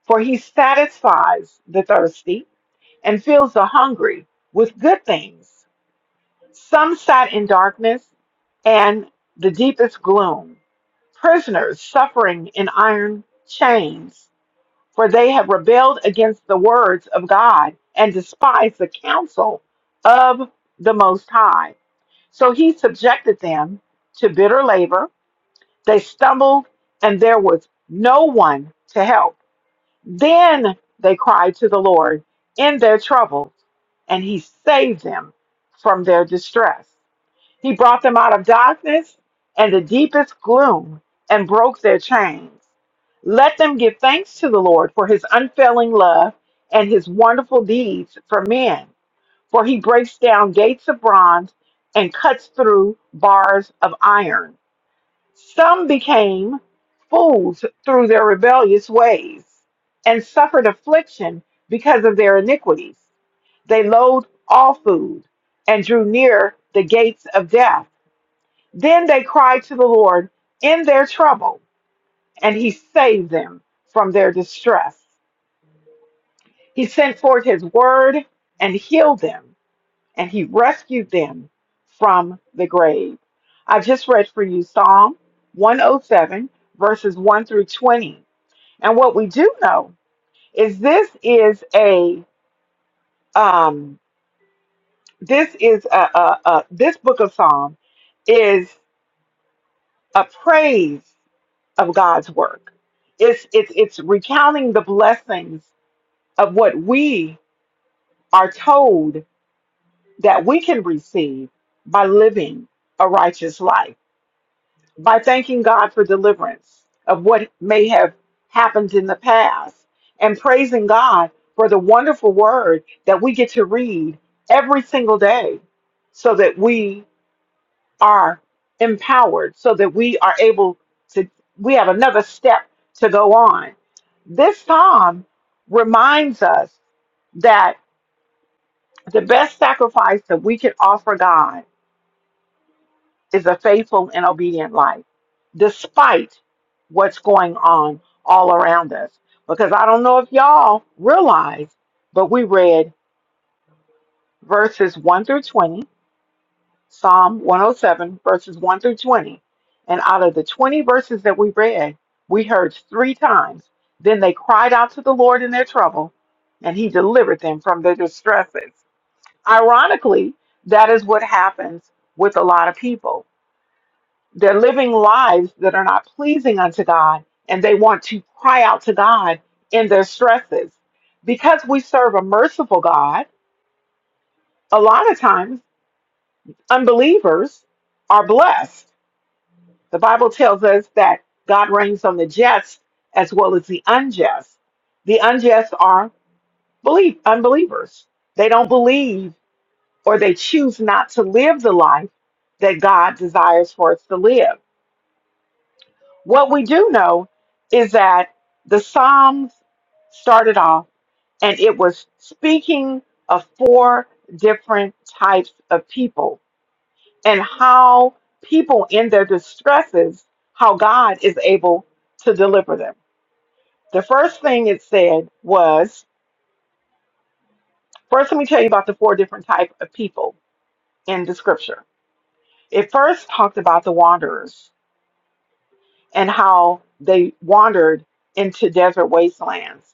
A: For he satisfies the thirsty and fills the hungry with good things. Some sat in darkness and the deepest gloom, prisoners suffering in iron chains for they have rebelled against the words of God and despised the counsel of the Most High. So he subjected them to bitter labor. They stumbled, and there was no one to help. Then they cried to the Lord in their troubles, and he saved them from their distress. He brought them out of darkness and the deepest gloom and broke their chains. Let them give thanks to the Lord for his unfailing love and his wonderful deeds for men, for he breaks down gates of bronze and cuts through bars of iron. Some became fools through their rebellious ways and suffered affliction because of their iniquities. They loathed all food and drew near the gates of death then they cried to the Lord in their trouble, and he saved them from their distress. He sent forth his word and healed them, and he rescued them from the grave. I just read for you Psalm 107, verses 1 through 20. And what we do know is this is a um this is a, a, a this book of Psalm is a praise of God's work. It's it's it's recounting the blessings of what we are told that we can receive by living a righteous life, by thanking God for deliverance of what may have happened in the past, and praising God for the wonderful word that we get to read every single day so that we are empowered, so that we are able to we have another step to go on This psalm reminds us that the best sacrifice that we can offer God is a faithful and obedient life, despite what's going on all around us. Because I don't know if y'all realize, but we read verses 1 through 20, Psalm 107, verses 1 through 20. And out of the 20 verses that we read, we heard three times. Then they cried out to the Lord in their trouble, and he delivered them from their distresses. Ironically, that is what happens with a lot of people. They're living lives that are not pleasing unto God, and they want to cry out to God in their stresses. Because we serve a merciful God, a lot of times unbelievers are blessed. The Bible tells us that God reigns on the just as well as the unjust. The unjust are believe, unbelievers. They don't believe or they choose not to live the life that God desires for us to live. What we do know is that the Psalms started off and it was speaking of four different types of people and how people in their distresses, how God is able to deliver them. The first thing it said was, first let me tell you about the four different type of people in the scripture. It first talked about the wanderers and how they wandered into desert wastelands.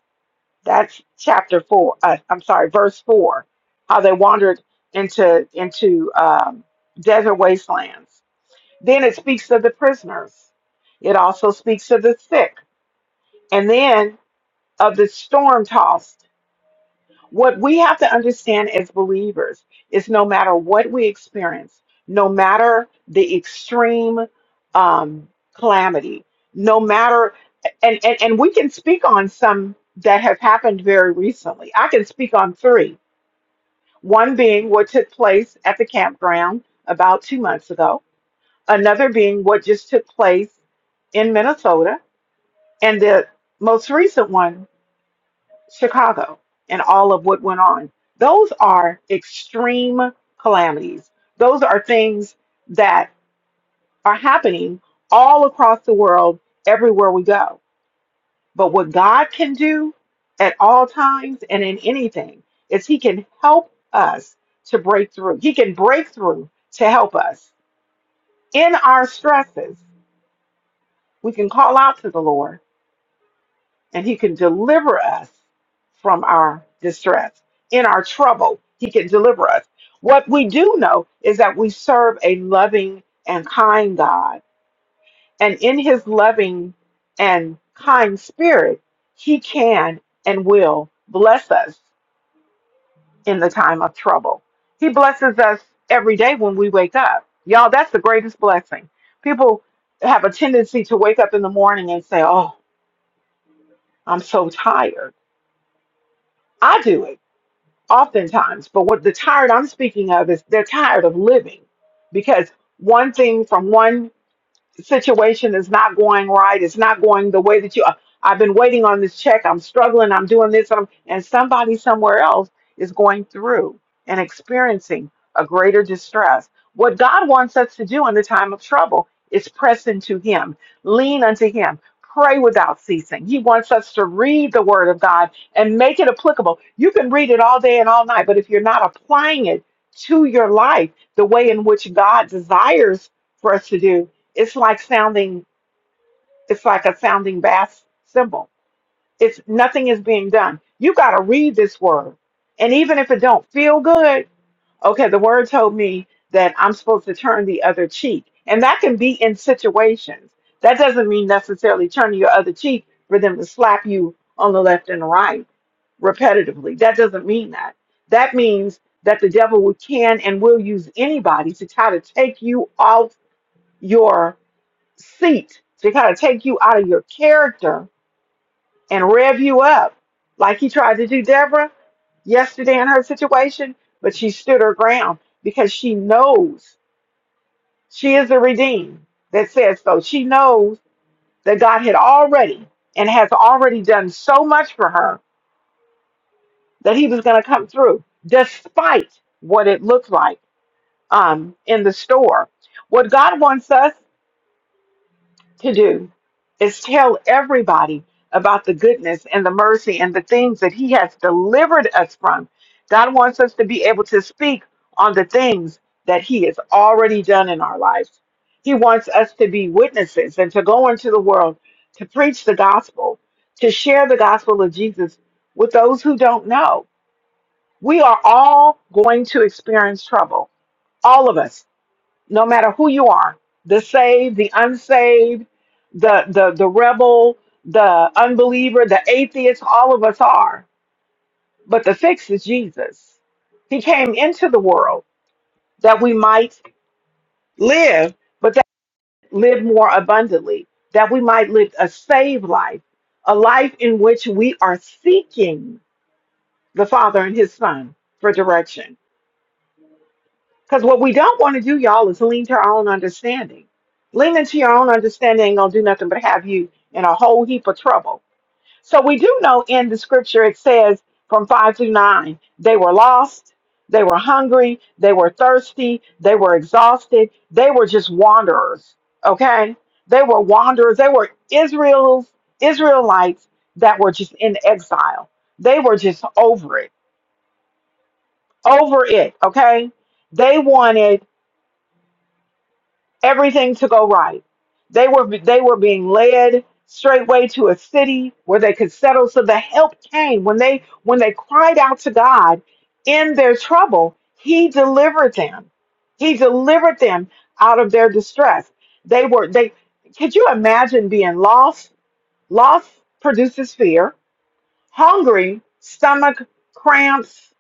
A: That's chapter four. Uh, I'm sorry, verse four. How they wandered into into um, desert wastelands. Then it speaks of the prisoners. It also speaks of the sick, and then of the storm tossed. What we have to understand as believers is no matter what we experience, no matter the extreme um, calamity, no matter, and, and, and we can speak on some that have happened very recently. I can speak on three. One being what took place at the campground about two months ago, another being what just took place in Minnesota, and the most recent one Chicago and all of what went on. Those are extreme calamities. Those are things that are happening all across the world, everywhere we go. But what God can do at all times and in anything is He can help us to break through. He can break through to help us in our stresses. We can call out to the Lord and he can deliver us from our distress. In our trouble, he can deliver us. What we do know is that we serve a loving and kind God, and in his loving and kind spirit, he can and will bless us in the time of trouble. He blesses us every day when we wake up. Y'all, that's the greatest blessing. People have a tendency to wake up in the morning and say, Oh, I'm so tired. I do it. oftentimes. But what the tired I'm speaking of is they're tired of living because one thing from one situation is not going right. It's not going the way that you. I- I've been waiting on this check. I'm struggling. I'm doing this. I'm, and somebody somewhere else is going through and experiencing a greater distress. What God wants us to do in the time of trouble is press into Him, lean unto Him, pray without ceasing. He wants us to read the Word of God and make it applicable. You can read it all day and all night, but if you're not applying it to your life the way in which God desires for us to do, it's like sounding, it's like a sounding bass symbol. It's nothing is being done. You got to read this word, and even if it don't feel good, okay, the word told me that I'm supposed to turn the other cheek, and that can be in situations. That doesn't mean necessarily turning your other cheek for them to slap you on the left and the right repetitively. That doesn't mean that. That means that the devil will- can and will use anybody to try to take you off your seat to kind of take you out of your character and rev you up, like he tried to do Deborah yesterday in her situation, but she stood her ground because she knows she is the redeemed that says so. She knows that God had already and has already done so much for her that he was going to come through despite what it looked like um, in the store. What God wants us to do is tell everybody about the goodness and the mercy and the things that he has delivered us from. God wants us to be able to speak on the things that he has already done in our lives. He wants us to be witnesses and to go into the world to preach the gospel, to share the gospel of Jesus with those who don't know. We are all going to experience trouble, all of us no matter who you are the saved the unsaved the the the rebel the unbeliever the atheist all of us are but the fix is jesus he came into the world that we might live but that live more abundantly that we might live a saved life a life in which we are seeking the father and his son for direction Because what we don't want to do, y'all, is lean to our own understanding. Leaning to your own understanding ain't going to do nothing but have you in a whole heap of trouble. So we do know in the scripture it says from 5 through 9, they were lost, they were hungry, they were thirsty, they were exhausted, they were just wanderers, okay? They were wanderers. They were Israel's Israelites that were just in exile. They were just over it, over it, okay? They wanted everything to go right. They were they were being led straightway to a city where they could settle. So the help came when they when they cried out to God in their trouble. He delivered them. He delivered them out of their distress. They were they. Could you imagine being lost? Loss produces fear. Hungry, stomach cramps,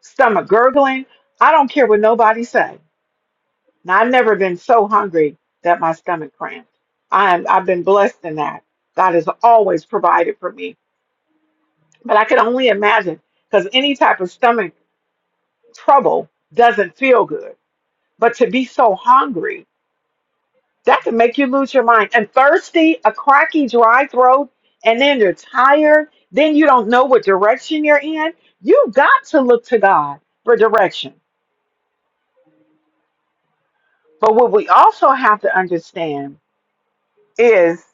A: stomach gurgling. I don't care what nobody say now, I've never been so hungry that my stomach cramped. I'm, I've been blessed in that. God has always provided for me. But I can only imagine because any type of stomach trouble doesn't feel good. But to be so hungry, that can make you lose your mind. And thirsty, a cracky, dry throat, and then you're tired. Then you don't know what direction you're in. You've got to look to God for direction. But what we also have to understand is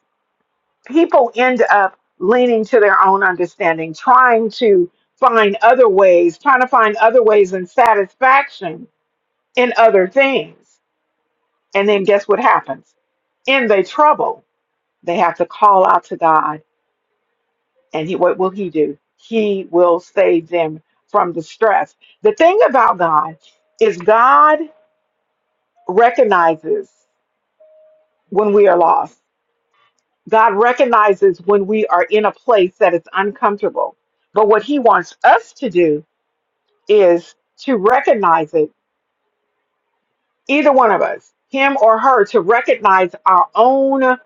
A: people end up leaning to their own understanding, trying to find other ways, trying to find other ways and satisfaction in other things. And then guess what happens? In their trouble, they have to call out to God. And he, what will He do? He will save them from distress. The thing about God is, God recognizes when we are lost. God recognizes when we are in a place that is uncomfortable. But what he wants us to do is to recognize it, either one of us, him or her, to recognize our own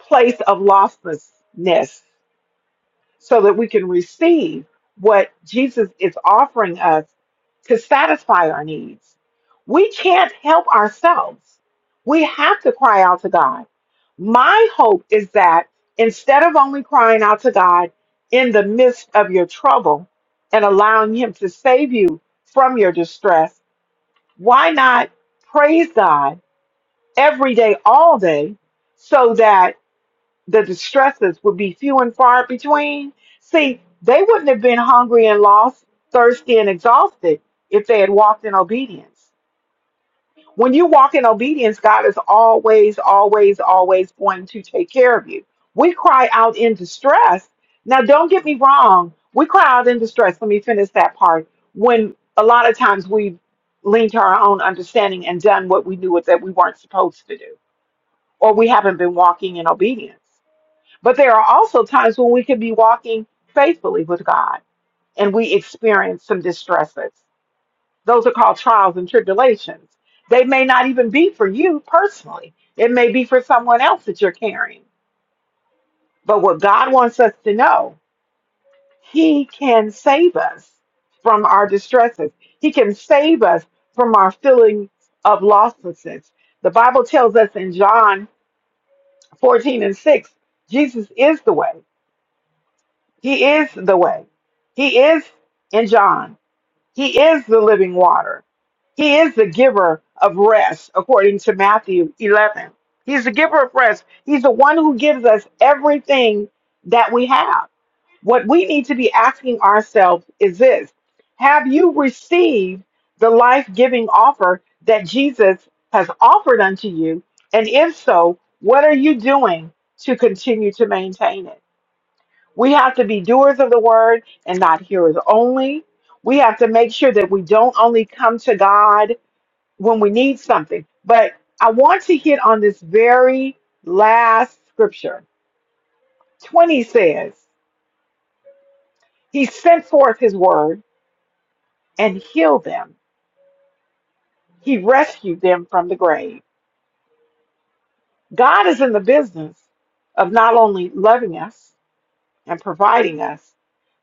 A: place of lostness so that we can receive what Jesus is offering us to satisfy our needs. We can't help ourselves. We have to cry out to God. My hope is that instead of only crying out to God in the midst of your trouble and allowing Him to save you from your distress, why not praise God every day, all day, so that the distresses would be few and far between. See, they wouldn't have been hungry and lost, thirsty and exhausted if they had walked in obedience. When you walk in obedience, God is always, always, always going to take care of you. We cry out in distress. Now, don't get me wrong. We cry out in distress. Let me finish that part. When a lot of times we lean to our own understanding and done what we knew that we weren't supposed to do, or we haven't been walking in obedience. But there are also times when we can be walking faithfully with God and we experience some distresses. Those are called trials and tribulations. They may not even be for you personally, it may be for someone else that you're carrying. But what God wants us to know, He can save us from our distresses, He can save us from our feelings of lostness. The Bible tells us in John 14 and 6, Jesus is the way. He is the way. He is in John. He is the living water. He is the giver of rest, according to Matthew 11. He's the giver of rest. He's the one who gives us everything that we have. What we need to be asking ourselves is this Have you received the life giving offer that Jesus has offered unto you? And if so, what are you doing to continue to maintain it? We have to be doers of the word and not hearers only. We have to make sure that we don't only come to God when we need something. But I want to hit on this very last scripture. 20 says, He sent forth His word and healed them, He rescued them from the grave. God is in the business of not only loving us and providing us,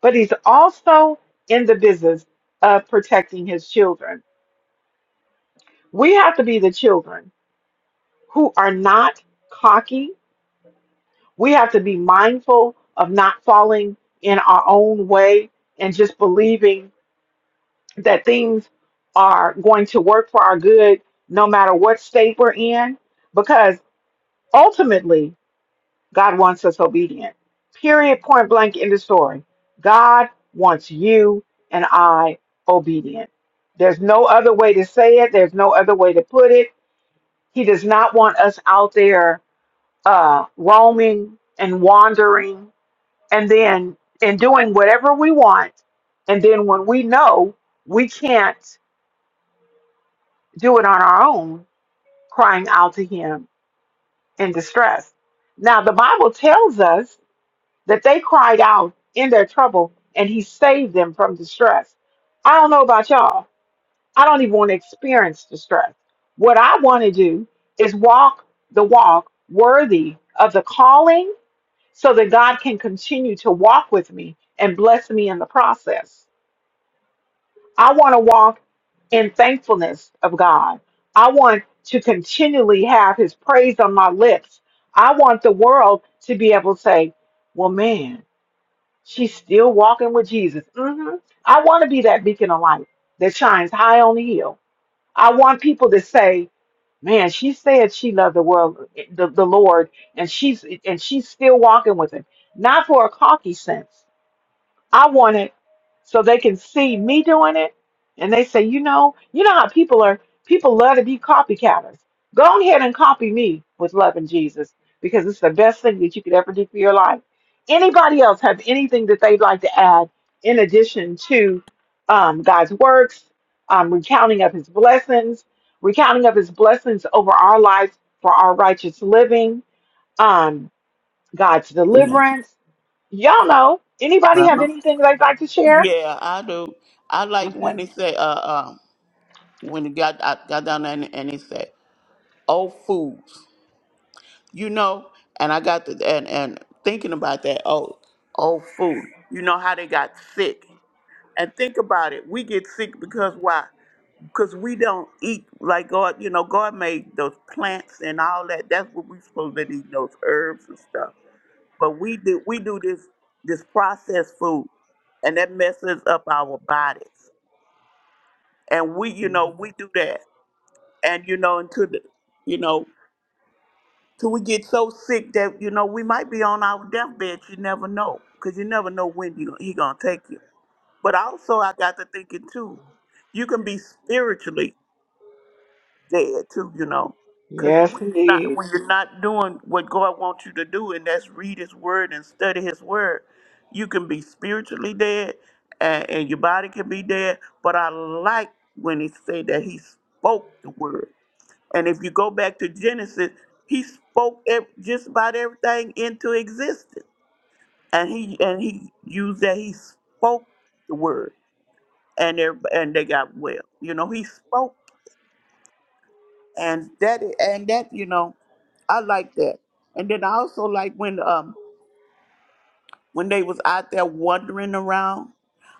A: but He's also in the business of protecting His children. We have to be the children who are not cocky. We have to be mindful of not falling in our own way and just believing that things are going to work for our good no matter what state we're in, because ultimately, God wants us obedient. Period, point blank, in the story. God wants you and I obedient. There's no other way to say it, there's no other way to put it. He does not want us out there uh, roaming and wandering, and then and doing whatever we want. And then when we know we can't do it on our own, crying out to Him in distress. Now, the Bible tells us that they cried out in their trouble and He saved them from distress. I don't know about y'all. I don't even want to experience distress. What I want to do is walk the walk worthy of the calling so that God can continue to walk with me and bless me in the process. I want to walk in thankfulness of God. I want to continually have his praise on my lips. I want the world to be able to say, well, man, she's still walking with Jesus. hmm I want to be that beacon of light that shines high on the hill. I want people to say, man, she said she loved the world, the, the Lord, and she's and she's still walking with him. Not for a cocky sense I want it so they can see me doing it. And they say, you know, you know how people are, people love to be copycatters. Go on ahead and copy me with loving Jesus because it's the best thing that you could ever do for your life. Anybody else have anything that they'd like to add in addition to um, God's works, um, recounting of his blessings, recounting of his blessings over our lives for our righteous living, um, God's
C: Mhm.
A: deliverance? Y'all know. Anybody have
C: Uh-huh.
A: anything they'd like to share?
C: Yeah, I do. I like when
A: Okay.
C: they say, uh, uh, when it got I got down there and, and they said, "Oh fools," you know. And I got the and and thinking about that. Oh, oh fool. You know how they got sick. And think about it. We get sick because why? Because we don't eat like God. You know, God made those plants and all that. That's what we supposed to eat. Those herbs and stuff. But we do we do this this processed food, and that messes up our bodies. and we you
A: hmm
C: know we do that and you know until the, you know till we get so sick that you know we might be on our deathbed you never know because you never know when you, he gonna take you but also i got to thinking too you can be spiritually dead too you know because
A: Yes,
C: when you're not
A: indeed.
C: when you're not doing what god wants you to do and that's read his word and study his word you can be spiritually dead and, and your body can be dead but i like when he said that he spoke the word And if you go back to Genesis, he spoke ev- just about everything into existence. And he and he used that he spoke the word, and they and they got well. You know, he spoke, and that and that you know, I like that. And then I also like when um when they was out there wandering around,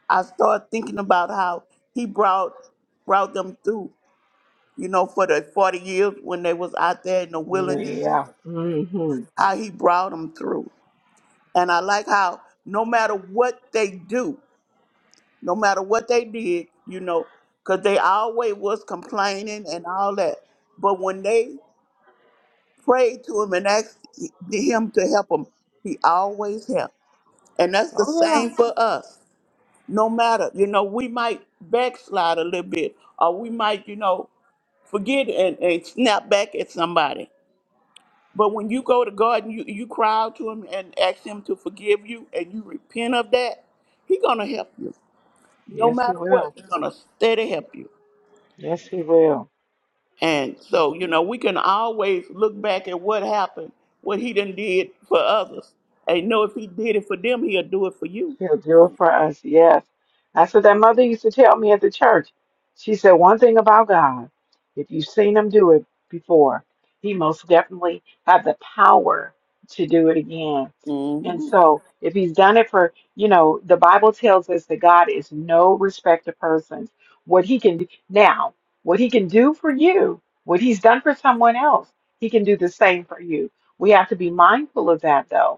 C: I started thinking about how he brought brought them through. You know, for the forty years when they was out there in the wilderness,
A: Yeah. hmm
C: how he brought them through And I like how no matter what they do, no matter what they did, you know, because they always was complaining and all that. But when they prayed to him and asked him to help them, he always helped. And that's the
A: Oh,
C: same for us. No matter, you know, we might backslide a little bit or we might, you know, forget and, and snap back at somebody. But when you go to God and you, you cry out to him and ask him to forgive you and you repent of that, he gonna help you.
A: yeah.
C: no
A: Yes, he
C: matter what,
A: will.
C: he's gonna steady help you.
A: Yes, he will.
C: And so, you know, we can always look back at what happened, what he done did for others, and know if he did it for them, he'll do it for you.
A: He'll do it for us. Yes. That's what that mother used to tell me at the church. She said one thing about God. If you've seen him do it before, he most definitely had the power to do it again. And
C: Mm-hmm.
A: so if he's done it for, you know, the Bible tells us that God is no respecter of persons. What he can do now, what he can do for you, what he's done for someone else, he can do the same for you. We have to be mindful of that though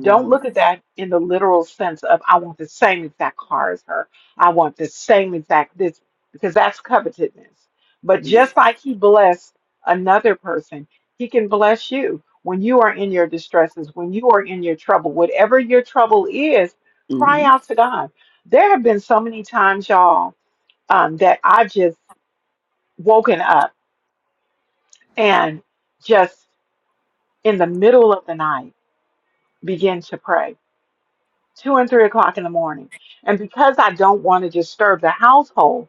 A: don't look at that in the literal sense of I want the same exact car as her. I want the same exact this because that's covetousness. But
C: Yeah.
A: just like he blessed another person, he can bless you when you are in your distresses, when you are in your trouble, whatever your trouble is, cry
C: Mm-hmm.
A: out to God. There have been so many times, y'all, um, that I've just woken up and just in the middle of the night begin to pray two and three o'clock in the morning. And because I don't want to disturb the household,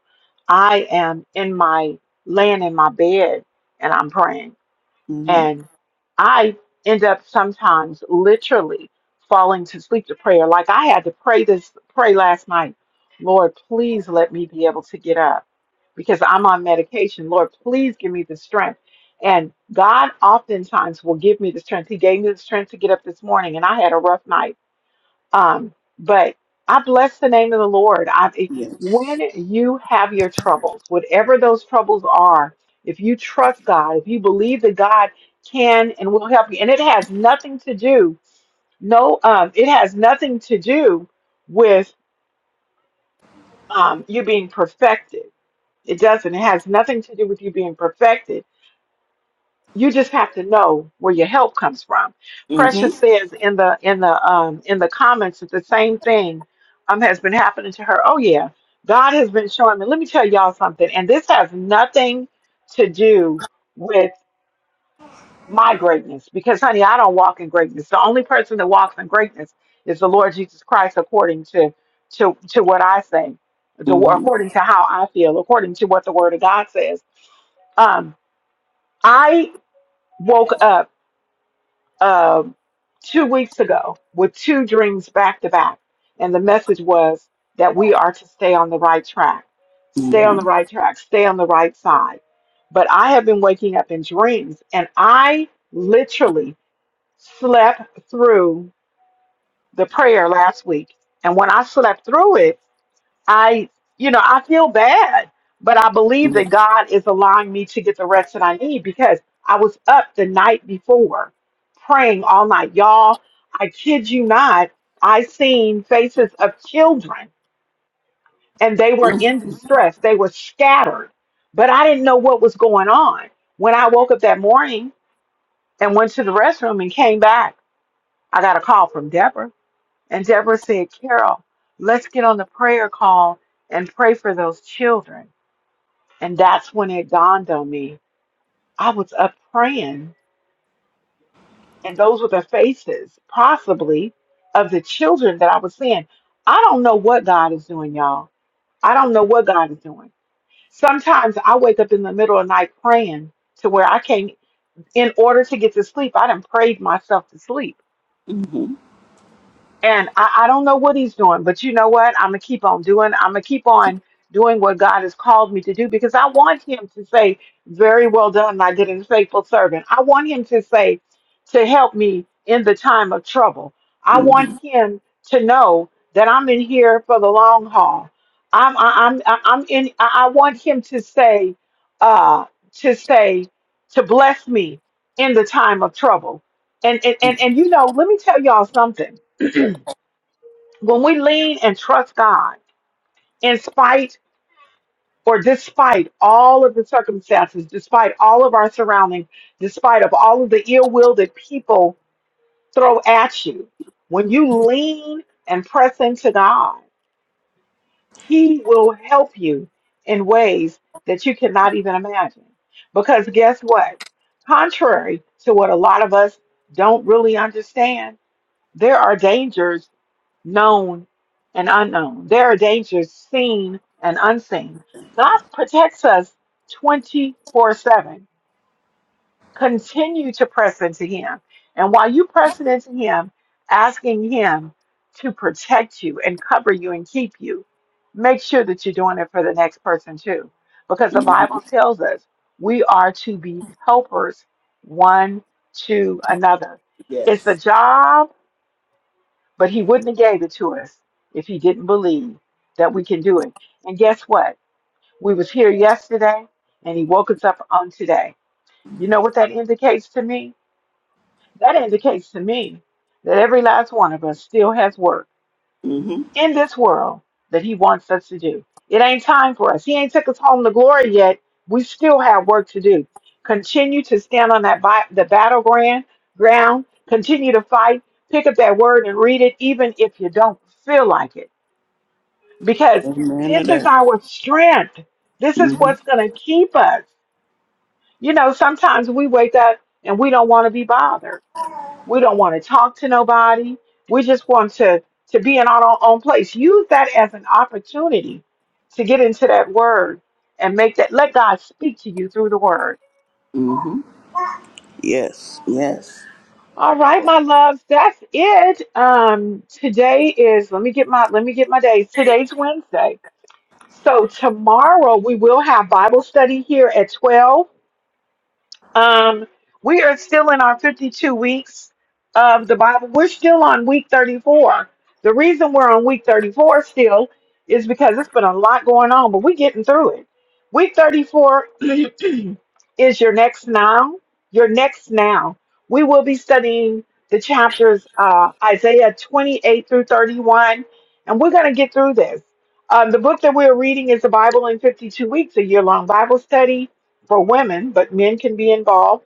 A: I am in my laying in my bed and I'm praying.
C: Mm-hmm.
A: And I end up sometimes literally falling to sleep to prayer. Like I had to pray this pray last night. Lord, please let me be able to get up because I'm on medication. Lord, please give me the strength. And God oftentimes will give me the strength. He gave me the strength to get up this morning, and I had a rough night um, but I bless the name of the Lord. I,
C: Yes.
A: when you have your troubles, whatever those troubles are, if you trust God, if you believe that God can and will help you, and it has nothing to do, no, um, it has nothing to do with um, you being perfected. It doesn't. It has nothing to do with you being perfected. you just have to know where your help comes from. Precious
C: Mm-hmm.
A: says in the in the um in the comments that the same thing um has been happening to her. Oh yeah, God has been showing me. Let me tell y'all something, and this has nothing to do with my greatness because honey, I don't walk in greatness. The only person that walks in greatness is the Lord Jesus Christ, according to to to what I say, the
C: Mm-hmm.
A: according to how I feel, according to what the Word of God says. Um, I woke up um, two weeks ago with two dreams back to back. And the message was that we are to stay on the right track, stay on the right track, stay on the right side. But I have been waking up in dreams and I literally slept through the prayer last week. And when I slept through it, I, you know, I feel bad, but I believe that God is allowing me to get the rest that I need because I was up the night before praying all night. Y'all, I kid you not, I seen faces of children and they were
C: Mm-hmm.
A: in distress. They were scattered, but I didn't know what was going on. When I woke up that morning and went to the restroom and came back, I got a call from Deborah. And Deborah said, Carol, let's get on the prayer call and pray for those children. And that's when it dawned on me. I was up praying, and those were the faces, possibly, of the children that I was seeing. I don't know what God is doing, y'all. I don't know what God is doing. Sometimes I wake up in the middle of the night praying to where I can't, in order to get to sleep, I done prayed myself to sleep
C: Mm-hmm.
A: And I, I don't know what he's doing, but you know what? I'm gonna keep on doing. I'm gonna keep on doing what God has called me to do because I want him to say, "Very well done, my good and faithful servant." I want him to say, "To help me in the time of trouble." I want
C: Mm-hmm.
A: him to know that I'm in here for the long haul. I'm I, I'm I- I'm in. I I want him to say, uh, to say, to bless me in the time of trouble. And and and, and you know, let me tell y'all something when we lean and trust God, in spite or despite all of the circumstances, despite all of our surroundings, despite of all of the ill will that people throw at you, when you lean and press into God, He will help you in ways that you cannot even imagine. Because guess what? Contrary to what a lot of us don't really understand, there are dangers known and unknown. There are dangers seen and unseen. God
C: Yes.
A: protects us 24 7. Continue to press into Him. And while you press into Him, asking Him to protect you and cover you and keep you, make sure that you're doing it for the next person too. Because the
C: Mm-hmm.
A: Bible tells us we are to be helpers one to another. It's a
C: Yes.
A: job but he wouldn't have gave it to us if he didn't believe that we can do it. And guess what? We was here yesterday and he woke us up on today. You know what that indicates to me? That indicates to me that every last one of us still has work
C: Mm-hmm.
A: in this world that he wants us to do. It ain't time for us. He ain't took us home to glory yet. We still have work to do. Continue to stand on that bi- the battleground ground. Continue to fight. Pick up that word and read it, even if you don't feel like it because
C: Amen to
A: this is
C: that.
A: our strength. This is
C: Mm-hmm.
A: what's going to keep us. You know, sometimes we wake up and we don't want to be bothered. We don't want to talk to nobody. We just want to to be in our own own place. Use that as an opportunity to get into that word and make that let God speak to you through the word.
C: Mm-hmm. Yes. Yes.
A: All right, my loves, that's it. Um today is let me get my let me get my days. Today's Wednesday. So tomorrow we will have Bible study here at 12. Um, we are still in our 52 weeks of the Bible. We're still on week 34. The reason we're on week 34 still is because it's been a lot going on, but we're getting through it. Week 34 is your next now. Your next now. We will be studying the chapters uh, Isaiah 28 through 31, and we're going to get through this. Um, the book that we're reading is the Bible in 52 Weeks, a year long Bible study for women, but men can be involved.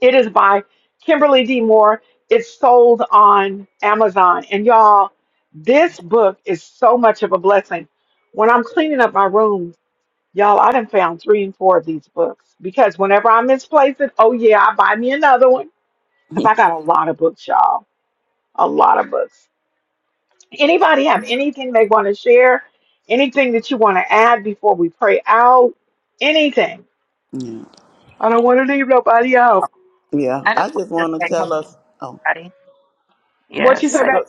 A: It is by Kimberly D. Moore. It's sold on Amazon. And y'all, this book is so much of a blessing. When I'm cleaning up my room Y'all, I done found three and four of these books because whenever I misplace it, oh yeah, I buy me another one because I got a lot of books, y'all. A lot of books. Anybody have anything they want to share? Anything that you want to add before we pray out? Anything.
C: Yeah.
A: I don't want to leave nobody out.
C: Yeah.
D: I just
C: I just
D: wanted to
C: want to
D: say hello,
C: tell us.
D: everybody.
A: What you
D: Yes,
A: say
D: I,
C: Oh,
A: back?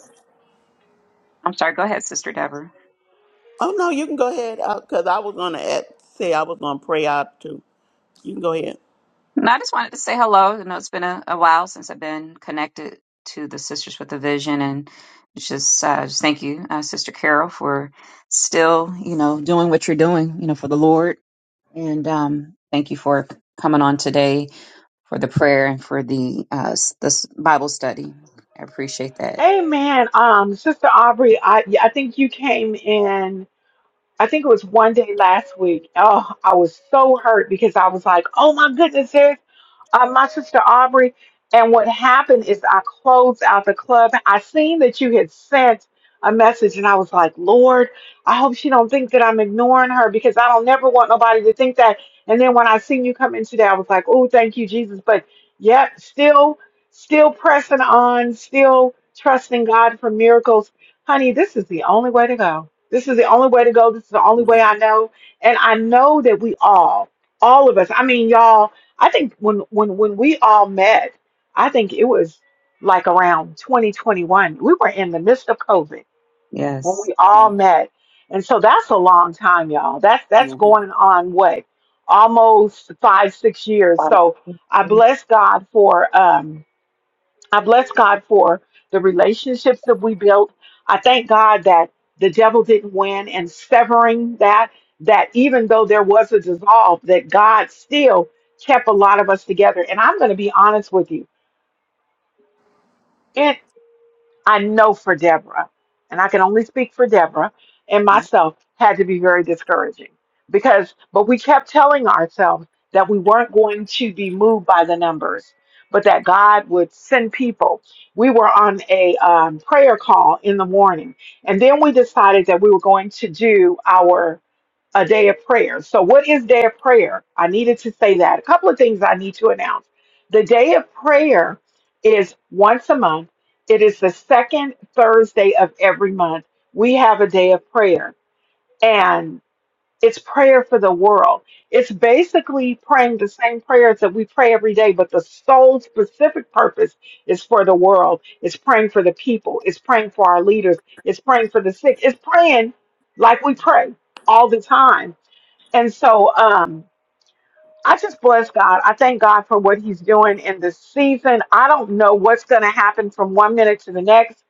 D: I'm sorry. Go ahead, Sister Deborah.
C: Oh no, you can go ahead because I was gonna add, say I was gonna pray out too. You can go ahead.
D: No, I just wanted to say hello. You know it's been a, a while since I've been connected to the Sisters with a Vision, and it's just, uh, just thank you, uh, Sister Carol, for still, you know, doing what you're doing, you know, for the Lord. And um, thank you for coming on today for the prayer and for the uh, s- this Bible study. I appreciate that.
A: Amen. Um, Sister Aubrey, I I think you came in. I think it was one day last week. Oh, I was so hurt because I was like, oh my goodness, there's uh, my sister Aubrey. And what happened is I closed out the club. I seen that you had sent a message and I was like, Lord, I hope she don't think that I'm ignoring her because I don't never want nobody to think that. And then when I seen you come in today, I was like, oh, thank you, Jesus. But yep, still, still pressing on, still trusting God for miracles. Honey, this is the only way to go this is the only way to go. This is the only way
C: Mhm,
A: I know. And I know that we all, all of us, I mean, y'all, I think when when when we all met, I think it was like around 2021. We were in the midst of COVID when
D: Yes.
A: we all
C: mhm,
A: met. And so that's a long time, y'all. That's that's
C: mhm,
A: going on what? Almost five, six years. So I
D: Amen.
A: bless God for um I bless God for the relationships that we built. I thank God that the devil didn't win and severing that, that even though there was a dissolve, that God still kept a lot of us together. And I'm going to be honest with you. I know for Deborah, and I can only speak for Deborah and myself, had to be very discouraging because, but we kept telling ourselves that we weren't going to be moved by the numbers, but that God would send people. We were on a um, prayer call in the morning, and then we decided that we were going to do our a day of prayer. So, what is day of prayer? I needed to say that. A couple of things I need to announce. The day of prayer is once a month, it is the second Thursday of every month. We have a day of prayer, and it's prayer for the world. It's basically praying the same prayers that we pray every day, but the sole specific purpose is for the world. It's praying for the people, it's praying for our leaders, it's praying for the sick, it's praying like we pray all the time and so um, I just bless God. I thank God for what He's doing in this season. I don't know what's going to happen from one minute to the next.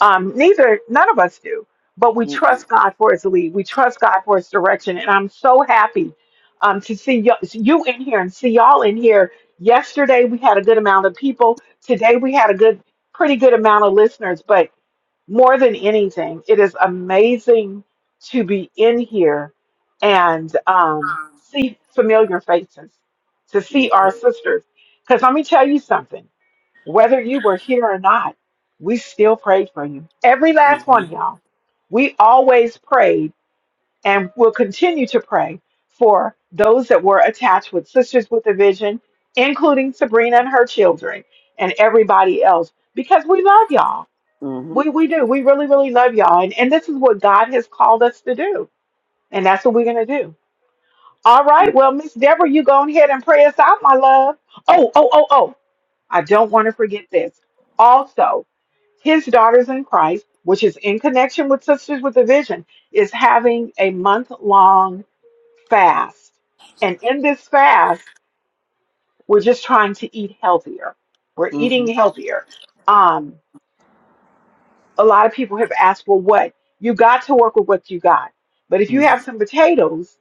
A: Um, neither, none of us do. But we
C: mhm,
A: trust God for His lead. We trust God for His direction. And I'm so happy um, to see y- you in here and see y'all in here. Yesterday we had a good amount of people. Today we had a good, pretty good amount of listeners. But more than anything, it is amazing to be in here and um, see familiar faces, to
C: mhm,
A: see our sisters. Because let me tell you something whether you were here or not, we still prayed for you. Every last one
C: mhm,
A: of y'all. We always prayed and will continue to pray for those that were attached with Sisters with a Vision, including Sabrina and her children and everybody else, because we love y'all
C: mhm, mhm,
A: we we do. We really, really love y'all. And, and this is what God has called us to do. And that's what we're gonna do. All right. Well, Miss Deborah, you go ahead and pray us out, my love. Oh, oh, oh, oh. I don't want to forget this. Also, his daughters in Christ, which is in connection with Sisters with a Vision, is having a month-long fast. And in this fast, we're just trying to eat healthier. We're
C: mhm,
A: eating healthier. Um. a lot of people have asked, well, what? You got to work with what you got. But if you have some potatoes,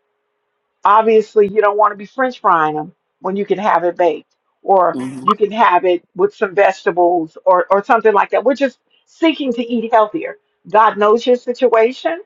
A: obviously you don't want to be french frying them when you can have it baked. Or
C: mhm,
A: you can have it with some vegetables or, or something like that. We're just seeking to eat healthier. God knows your situation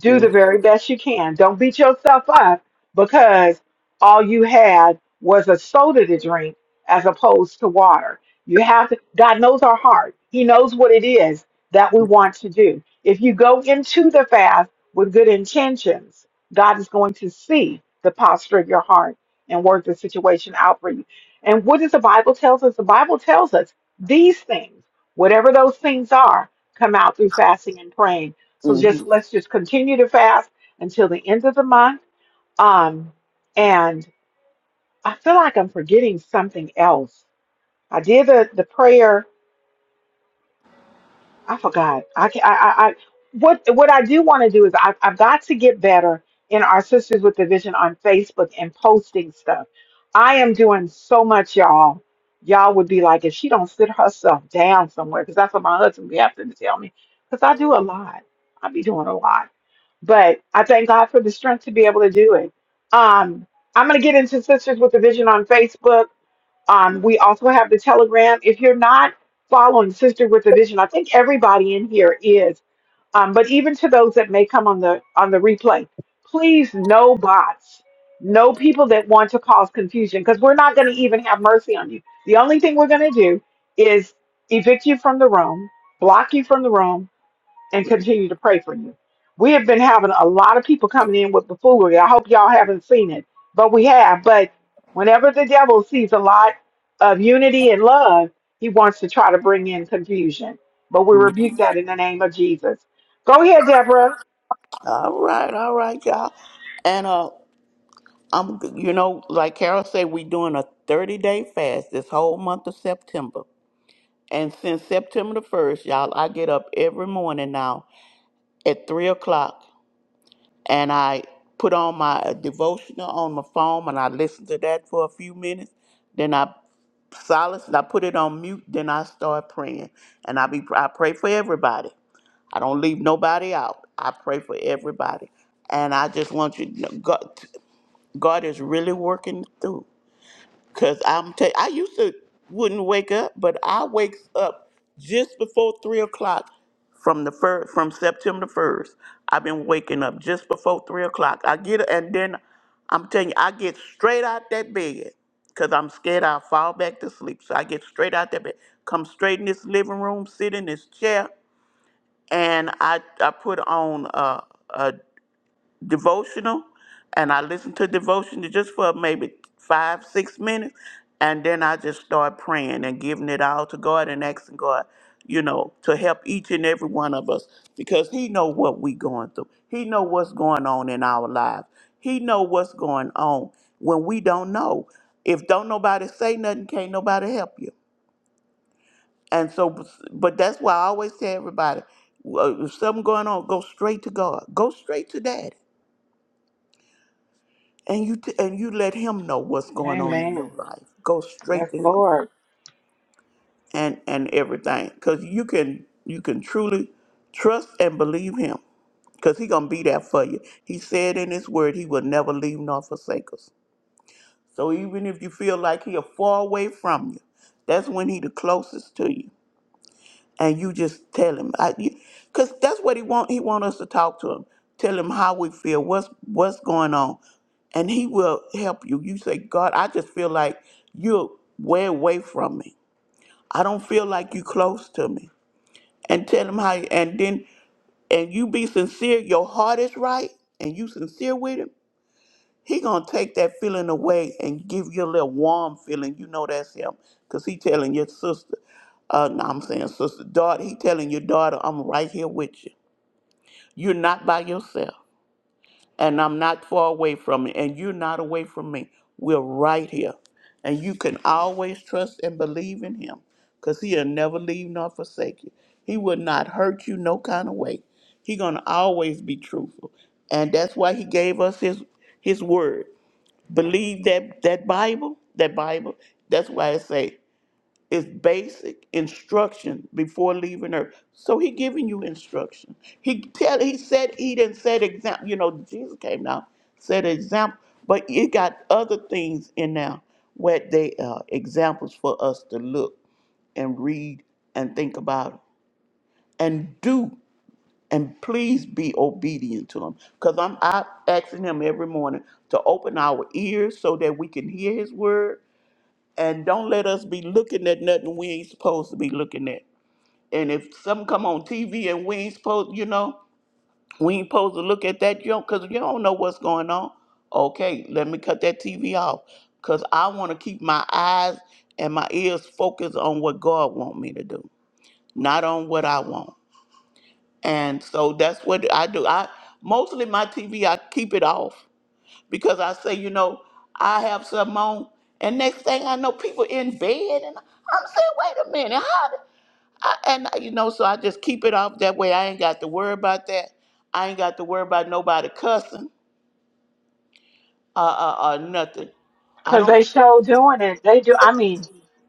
A: do the
C: mhm,
A: very best you can. Don't beat yourself up because all you had was a soda to drink as opposed to water. You have to, God knows our heart. He knows what it is that we want to do. If you go into the fast with good intentions, God is going to see the posture of your heart and work the situation out for you. And what does the Bible tells us? The Bible tells us these things, whatever those things are, come out through fasting and praying so just
C: mhm,
A: let's just continue to fast until the end of the month. Um, and I feel like I'm forgetting something else. I did the, the prayer I forgot. I can I, I, I what what I do want to do is I've I've got to get better in our sisters with the vision on Facebook and posting stuff. I am doing so much, y'all. Y'all would be like, if she don't sit herself down somewhere, because that's what my husband be having to tell me. Because I do a lot. I be doing a lot. But I thank God for the strength to be able to do it. Um, I'm gonna get into Sisters with the Vision on Facebook um, we also have the Telegram. If you're not following Sister with a Vision, I think everybody in here is. Um, but even to those that may come on the on the replay, please no bots, no people that want to cause confusion, because we're not going to even have mercy on you. The only thing we're going to do is evict you from the room, block you from the room, and continue to pray for you. We have been having a lot of people coming in with buffoonery. I hope y'all haven't seen it, but we have. But whenever the devil sees a lot of unity and love, he wants to try to bring in confusion. But we
C: mhm.
A: rebuke that in the name of Jesus. Go ahead, Deborah.
C: All right, all right, y'all. And uh, I'm you know like Carol said, we doing a 30 day fast this whole month of September. And since September the first, y'all, I get up every morning now at three o'clock and I put on my devotional on my phone and I listened to that for a few minutes. Then I silence and I put it on mute. Then I start praying, and I be I pray for everybody. I don't leave nobody out. I pray for everybody, and I just want you to know God, God is really working through. Cause I'm ta- I used to wouldn't wake up, but I wakes up just before three o'clock from the first from September first. I've been waking up just before three o'clock. I get and then I'm telling you, I get straight out that bed because I'm scared I'll fall back to sleep. So I get straight out that bed, come straight in this living room, sit in this chair, and I I put on a, devotional and I listen to devotional just for maybe five, six minutes. And then I just start praying and giving it all to God and asking God, you know, to help each and every one of us because he know what we going through. He know what's going on in our lives. He know what's going on when we don't know. If don't nobody say nothing, can't nobody help you. And so, but that's why I always tell everybody, uh, if something going on, go straight to God. Go straight to Daddy and you t- and you let him know what's going on in your
A: Amen.
C: life go straight
A: Yes,
C: to him
A: Lord.
C: and and everything because you can you can truly trust and believe him because he gonna be there for you he said in his word he will never leave nor forsake us so even if you feel like he are far away from you that's when he the closest to you and you just tell him I, you, cuz that's what he want he want us to talk to him tell him how we feel what's what's going on and he will help you you say god i just feel like you're way away from me i don't feel like you close to me and tell him how and then and you be sincere your heart is right and you sincere with him he gonna take that feeling away and give you a little warm feeling. You know that's him, cause he telling your sister, uh, no, I'm saying sister, daughter. He telling your daughter, I'm right here with you. You're not by yourself, and I'm not far away from you, and you're not away from me. We're right here, and you can always trust and believe in him, cause he'll never leave nor forsake you. He will not hurt you no kind of way. He gonna always be truthful, and that's why he gave us his his word believe that that Bible, that Bible. That's why I say it's basic instruction before leaving earth. So he giving you instruction. He tell he said eat and said example. You know Jesus came down said example, but it got other things in there where they uh, examples for us to look and read and think about and do and please be obedient to him because i'm I asking him every morning to open our ears so that we can hear his word and don't let us be looking at nothing we ain't supposed to be looking at and if something come on tv and we ain't supposed you know we ain't supposed to look at that you junk because you don't know what's going on okay let me cut that tv off because i want to keep my eyes and my ears focused on what god want me to do not on what i want and so that's what I do. I mostly my TV I keep it off because I say, you know, I have something on, and next thing I know, people in bed, and I'm saying, wait a minute, how? Did I, and you know, so I just keep it off. That way, I ain't got to worry about that. I ain't got to worry about nobody cussing or, or, or nothing. I
A: Because
C: don't.
A: they show doing it. They do.
C: Yeah.
A: I mean,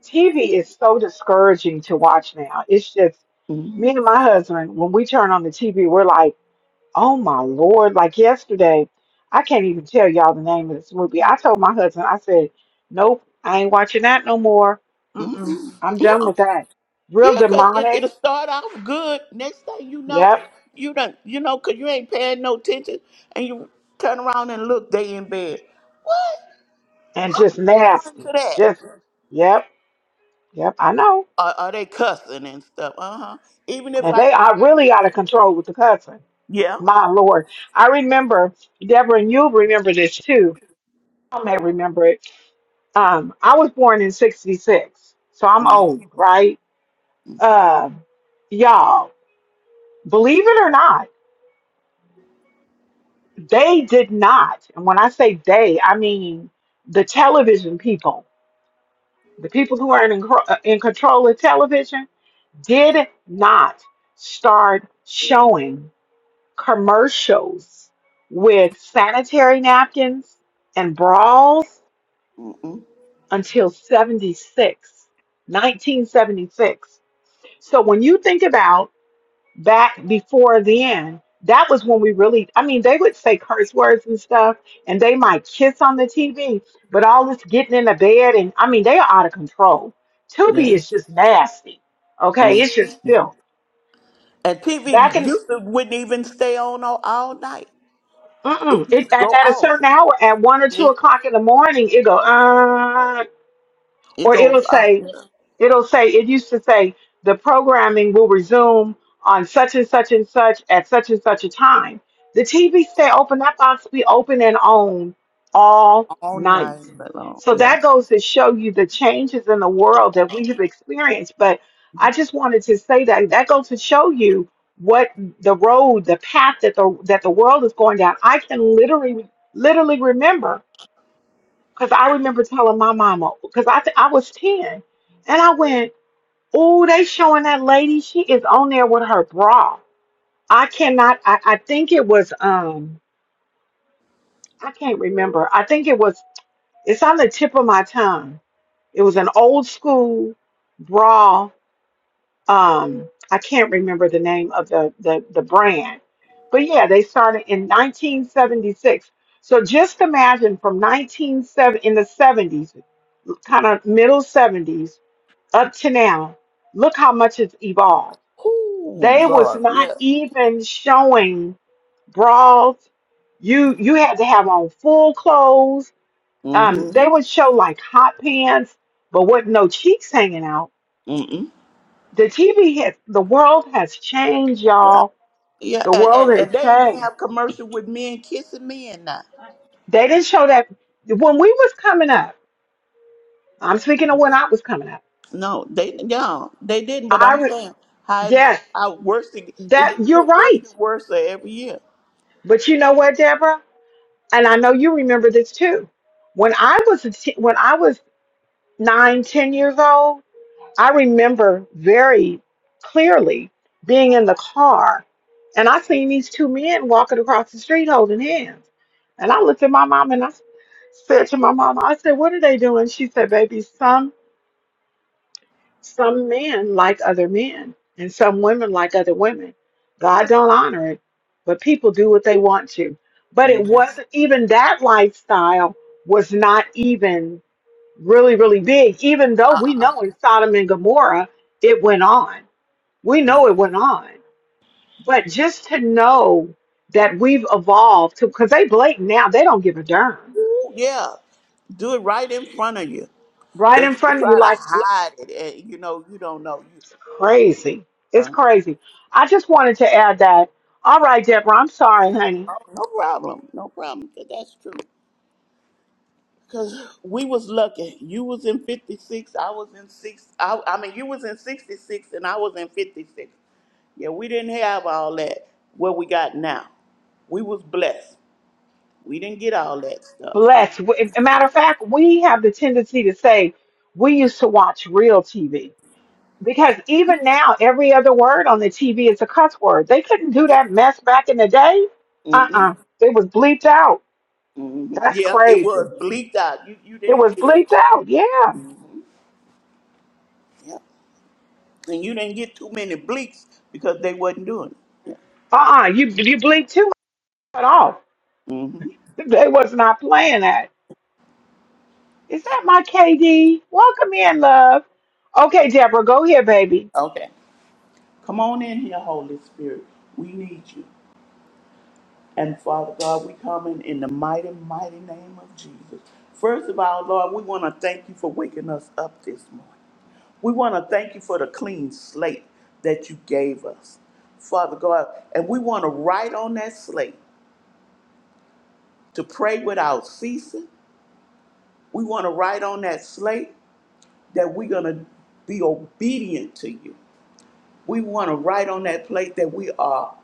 A: TV is so discouraging to watch now. It's just me
C: hmm
A: and my husband, when we turn on the TV, we're like, Oh my Lord. Like yesterday, I can't even tell y'all the name of this movie. I told my husband, I said, Nope, I ain't watching that no more. Mm-mm, I'm done
C: hmm
A: with that. Real
C: Yeah, cause it,
A: demonic.
C: it'll start off good. Next thing you know,
A: Yep.
C: you don't, you know, cause you ain't paying no attention, and you turn around and look, they in bed. What?
A: And just
C: Turn to
A: nasty.
C: that.
A: Just, yep. Yep. I know.
C: Are, are they cussing and stuff? Uh huh. Even if
A: And
C: I,
A: they are
C: I
A: really out of control with the cussing.
C: yeah,
A: My Lord. I remember, Deborah, and you'll remember this too. I may remember it. Um, I was born in 66, so I'm
C: mm,
A: old, right? Um, y'all. Believe it or not, they did not. And when I say they, I mean the television people, the people who are in, uh, in control of television, did not start showing commercials with sanitary napkins and brawls
C: mm, mm,
A: until 76, 1976. So when you think about back before then, that was when we really, I mean, they would say curse words and stuff, and they might kiss on the TV, but all this getting in the bed, and I mean, they are out of control.
C: yeah.
A: Tubi is just nasty. Okay,
C: Mm.
A: it's just filth.
C: And
A: Back
C: TV
A: in,
C: used to wouldn't even stay on all, all night. It
A: mm-mm,
C: used
A: it,
C: to go
A: at, at a
C: off.
A: certain hour, at one or two
C: Yeah,
A: o'clock in the morning, it go, uh,
C: it
A: or
C: goes
A: it'll
C: off
A: say,
C: yeah,
A: it'll say it used to say the programming will resume on such and such and such at such and such a time. The TV stay open. That box be open and on all
C: all
A: night.
C: night long.
A: So
C: Yeah.
A: that goes to show you the changes in the world that we have experienced. But I just wanted to say that that goes to show you what the road, the path that the that the world is going down. I can literally literally remember because I remember telling my mama because I th- I was ten and I went Oh, they showing that lady. She is on there with her bra. I cannot. I, I think it was. Um, I can't remember. I think it was. It's on the tip of my tongue. It was an old school bra. Um, I can't remember the name of the the the brand, but yeah, they started in 1976. So just imagine from 197 in the 70s, kind of middle 70s up to now. Look how much it's evolved
C: Ooh,
A: They was
C: Lord.
A: not
C: Yeah.
A: even showing bras. You you had to have on full clothes. Um, they
C: Mm-hmm.
A: would show like hot pants, but with no cheeks hanging out.
C: Mm-mm.
A: The TV has the world has changed,
C: Yeah.
A: y'all.
C: Yeah,
A: The
C: and,
A: world
C: and,
A: has
C: and they even
A: changed.
C: have commercial with men kissing men now.
A: They didn't show that when we was coming up. I'm speaking of when I was coming up.
C: No, they no, they didn't. But
A: I
C: I'm
A: re-
C: saying how it-
A: yes,
C: how worse it, it
A: that
C: just
A: you're
C: get worse
A: right.
C: and worse every year.
A: But you know what, Deborah? And I know you remember this too. When I was a te- when I was nine, ten years old, I remember very clearly being in the car and I seen these two men walking across the street holding hands. And I looked at my mom and I said to my mom, I said, What are they doing? She said, Baby, some some men like other men and some women like other women. God don't honor it, but people do what they want to. But
C: hmm
A: it wasn't even that lifestyle was not even really, really big, even though
C: Uh
A: we know in Sodom and Gomorrah it went on. We
C: uh
A: know it went on. But just to know that we've evolved to, because they blatant now, they don't give a darn.
C: Yeah, do it right in front of you.
A: Right
C: They
A: in
C: used to
A: front of you,
C: try to
A: like l-
C: hide it, and you know you don't know you. okay,
A: crazy. It's
C: Uh,
A: crazy. I just wanted to add that. All right, Deborah, I'm sorry, honey.
C: oh, no problem, no problem. 'cause That's true. Cause we was lucky. You was in fifty six. I was in six. I, I mean, you was in sixty six, and I was in fifty six. Yeah, we didn't have all that what we got now. We was blessed. We didn't get all that stuff.
A: Bless. W- a matter of fact, we have the tendency to say we used to watch real TV because even now every other word on the TV is a cuss word. They couldn't do that mess back in the day. Uh
C: Mm-mm,
A: uh It was bleeped out.
C: mm-mm.
A: That's
C: Yeah, it
A: crazy.
C: was bleaked out. You you
A: It
C: didn't
A: was
C: get it.
A: bleeped out. Yeah.
C: Yeah, and you didn't get too many bleaks because they wasn't doing it. Yeah.
A: Uh uh You you bleep too much off.
C: Mm-hmm.
A: They was not playing that. Is that my KD? Welcome in, love. Okay, Deborah, go here, baby.
C: Okay. Come on in here, Holy Spirit. We need you. And Father God, we come in, in the mighty, mighty name of Jesus. First of all, Lord, we want to thank you for waking us up this morning. We want to thank you for the clean slate that you gave us, Father God. And we want to write on that slate to pray without ceasing. We want to write on that slate that we're going to be obedient to you. We want to write on that plate that we are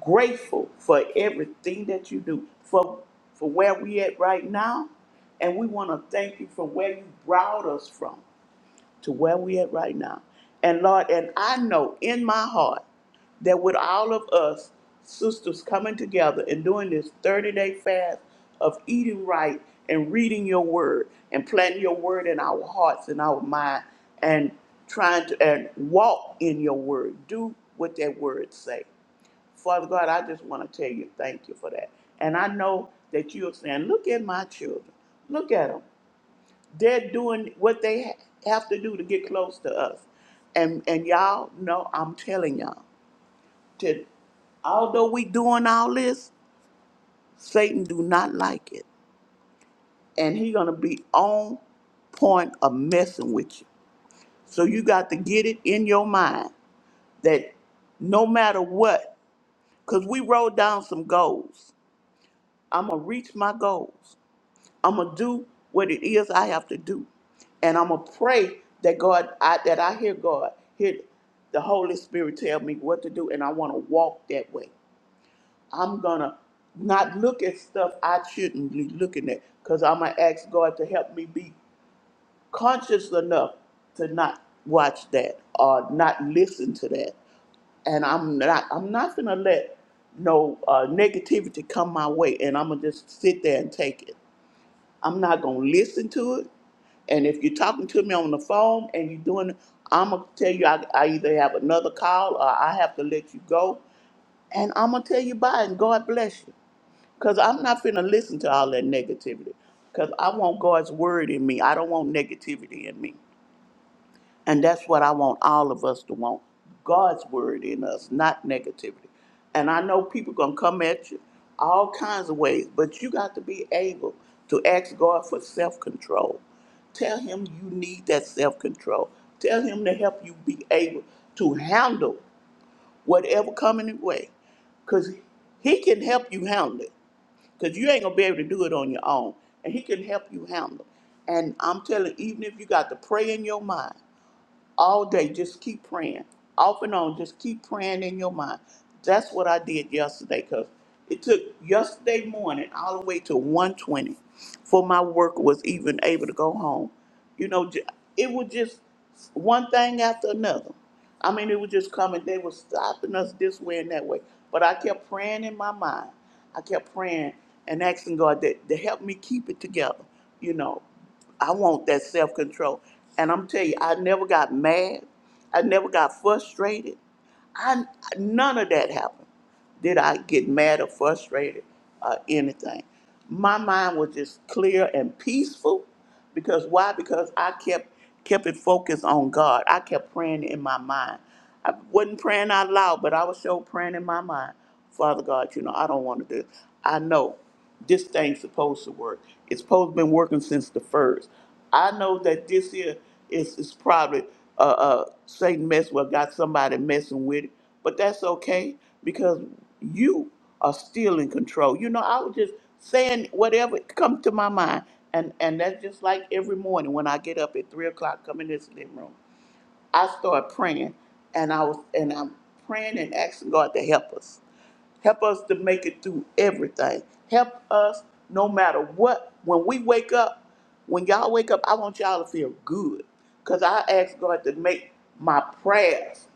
C: grateful for everything that you do, for for where we at right now, and we want to thank you for where you brought us from to where we at right now. And Lord, and I know in my heart that with all of us sisters coming together and doing this 30-day fast of eating right and reading your word and planting your word in our hearts and our mind and trying to and walk in your word. Do what that word say. Father God, I just want to tell you thank you for that. And I know that you're saying, look at my children. Look at them. They're doing what they ha- have to do to get close to us. And and y'all know, I'm telling y'all, to, although we doing all this, Satan do not like it. And he going to be on point of messing with you. So you got to get it in your mind that no matter what, because we wrote down some goals. I'm going to reach my goals. I'm gonna do what it is I have to do, and I'm gonna pray that God, I, that I hear God, hear the Holy Spirit tell me what to do, and I want to walk that way. I'm gonna not look at stuff I shouldn't be looking at, cause I'm gonna ask God to help me be conscious enough to not watch that or not listen to that and I'm not I'm not gonna let no uh, negativity come my way, and I'm gonna just sit there and take it. I'm not gonna listen to it. And if you're talking to me on the phone and you're doing, I'm gonna tell you I, I either have another call or I have to let you go. And I'm gonna tell you bye and God bless you. Cause I'm not finna listen to all that negativity. Cause I want God's word in me. I don't want negativity in me. And that's what I want all of us to want God's word in us, not negativity. And I know people going to come at you all kinds of ways, but you got to be able to ask God for self control. Tell Him you need that self control. Tell Him to help you be able to handle whatever coming your way because he can help you handle it because you ain't gonna be able to do it on your own and he can help you handle it and i'm telling you, even if you got to pray in your mind all day. Just keep praying, off and on. Just keep praying in your mind. That's what I did yesterday because it took yesterday morning all the way to 120 for my work was even able to go home. You know, ju- it was just one thing after another. I mean, it was just coming. They were stopping us this way and that way. But I kept praying in my mind. I kept praying and asking God that to help me keep it together. You know. I want that self control. And I'm telling you, I never got mad. I never got frustrated. I none of that happened. Did I get mad or frustrated or anything? My mind was just clear and peaceful because why? Because I kept kept it focused on God. I kept praying in my mind. I wasn't praying out loud, but I was sure praying in my mind. Father God, you know, I don't want to do. I know this thing's supposed to work. It's supposed to been working since the first. I know that this here is is probably uh, uh Satan mess well got somebody messing with it, but that's okay because you are still in control. You know, I was just saying whatever come to my mind, and and that's just like every morning when I get up at three o'clock, come in this living room, I start praying, and I was and I'm praying and asking God to help us. Help us to make it through everything. Help us no matter what. When we wake up, when y'all wake up, I want y'all to feel good. Because I ask God to make my prayers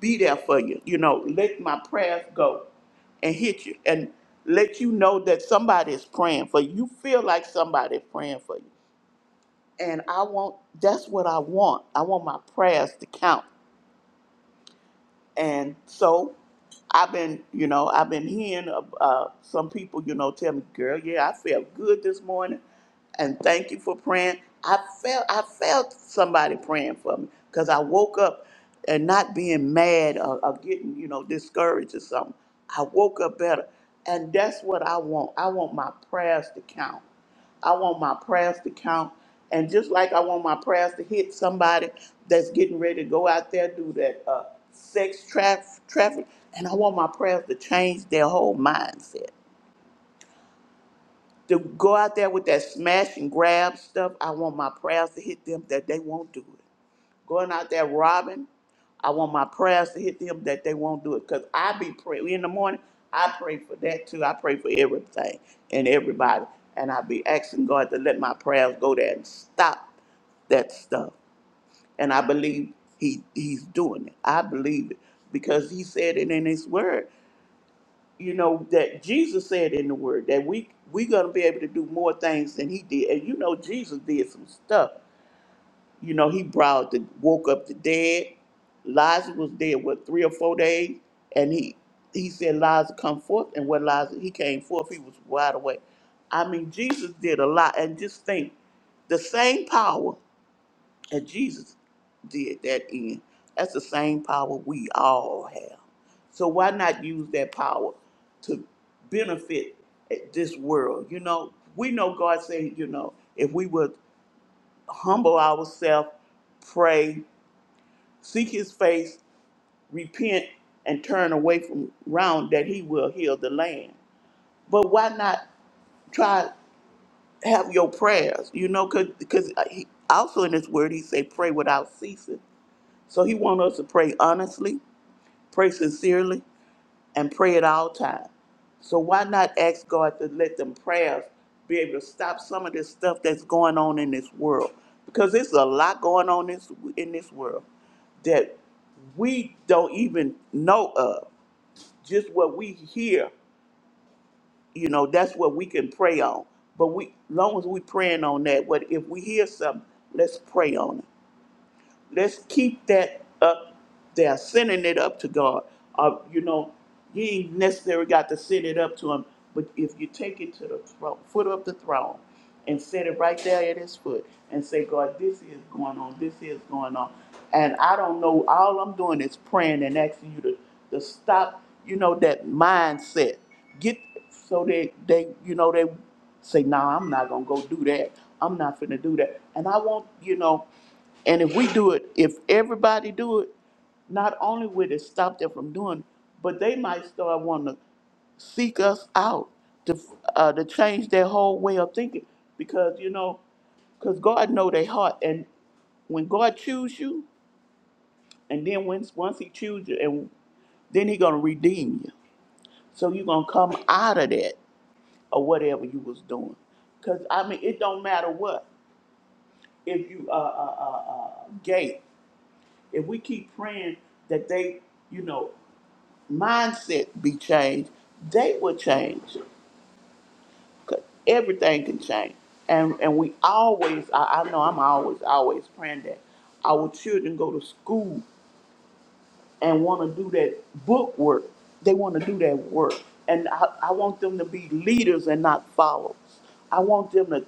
C: be there for you. You know, let my prayers go and hit you and let you know that somebody is praying for you. You feel like somebody is praying for you. And I want, that's what I want. I want my prayers to count. And so I've been, you know, I've been hearing uh, uh, some people, you know, tell me, girl, yeah, I felt good this morning and thank you for praying. I felt I felt somebody praying for me because I woke up and not being mad or, or getting you know discouraged or something. I woke up better, and that's what I want. I want my prayers to count. I want my prayers to count. And just like I want my prayers to hit somebody that's getting ready to go out there do that uh, sex traf- traffic, and I want my prayers to change their whole mindset. To go out there with that smash and grab stuff, I want my prayers to hit them that they won't do it. Going out there robbing, I want my prayers to hit them that they won't do it. Cause I be praying in the morning. I pray for that too. I pray for everything and everybody. And I be asking God to let my prayers go there and stop that stuff. And I believe he he's doing it. I believe it because he said it in his word. You know that Jesus said in the word that we we gonna be able to do more things than he did. And you know Jesus did some stuff. You know, he brought the woke up the dead. Lazarus was dead what three or four days, and he he said Lazarus come forth, and when Lazarus he came forth, he was wide awake. I mean, Jesus did a lot, and just think, the same power that Jesus did that in, that's the same power we all have. So why not use that power to benefit this world? You know, we know God said, you know, if we would humble ourselves, pray, seek his face, repent, and turn away from round that he will heal the land. But why not try have your prayers? You know, because he, also in his word he say pray without ceasing. So he want us to pray honestly, pray sincerely, and pray at all times. So why not ask God to let them prayers be able to stop some of this stuff that's going on in this world? Because there's a lot going on in this, in this world that we don't even know of. Just what we hear, you know, that's what we can pray on. But we, long as we praying on that, what if we hear something, let's pray on it let's keep that up there, sending it up to God. Uh, you know, you ain't necessarily got to send it up to Him, but if you take it to the thro- foot of the throne and set it right there at His foot and say, God, this is going on, this is going on. And I don't know, all I'm doing is praying and asking you to, to stop, you know, that mindset. Get so they, they, you know, they say, nah, I'm not gonna go do that. I'm not finna do that. And I want, you know, and if we do it, if everybody do it, not only will it stop them from doing, it, but they might start wanting to seek us out to uh, to change their whole way of thinking because you know because God know their heart and when God choose you and then once once he choose you and then he gonna redeem you so you gonna come out of that or whatever you was doing. Cause I mean, it don't matter what if you are uh, uh, uh, uh, gay. If we keep praying that they, you know, mindset be changed, they will change. 'Cause everything can change, and and we always. I, I know I'm always always praying that our children go to school and want to do that book work. They want to do that work. And I, I want them to be leaders and not followers. I want them to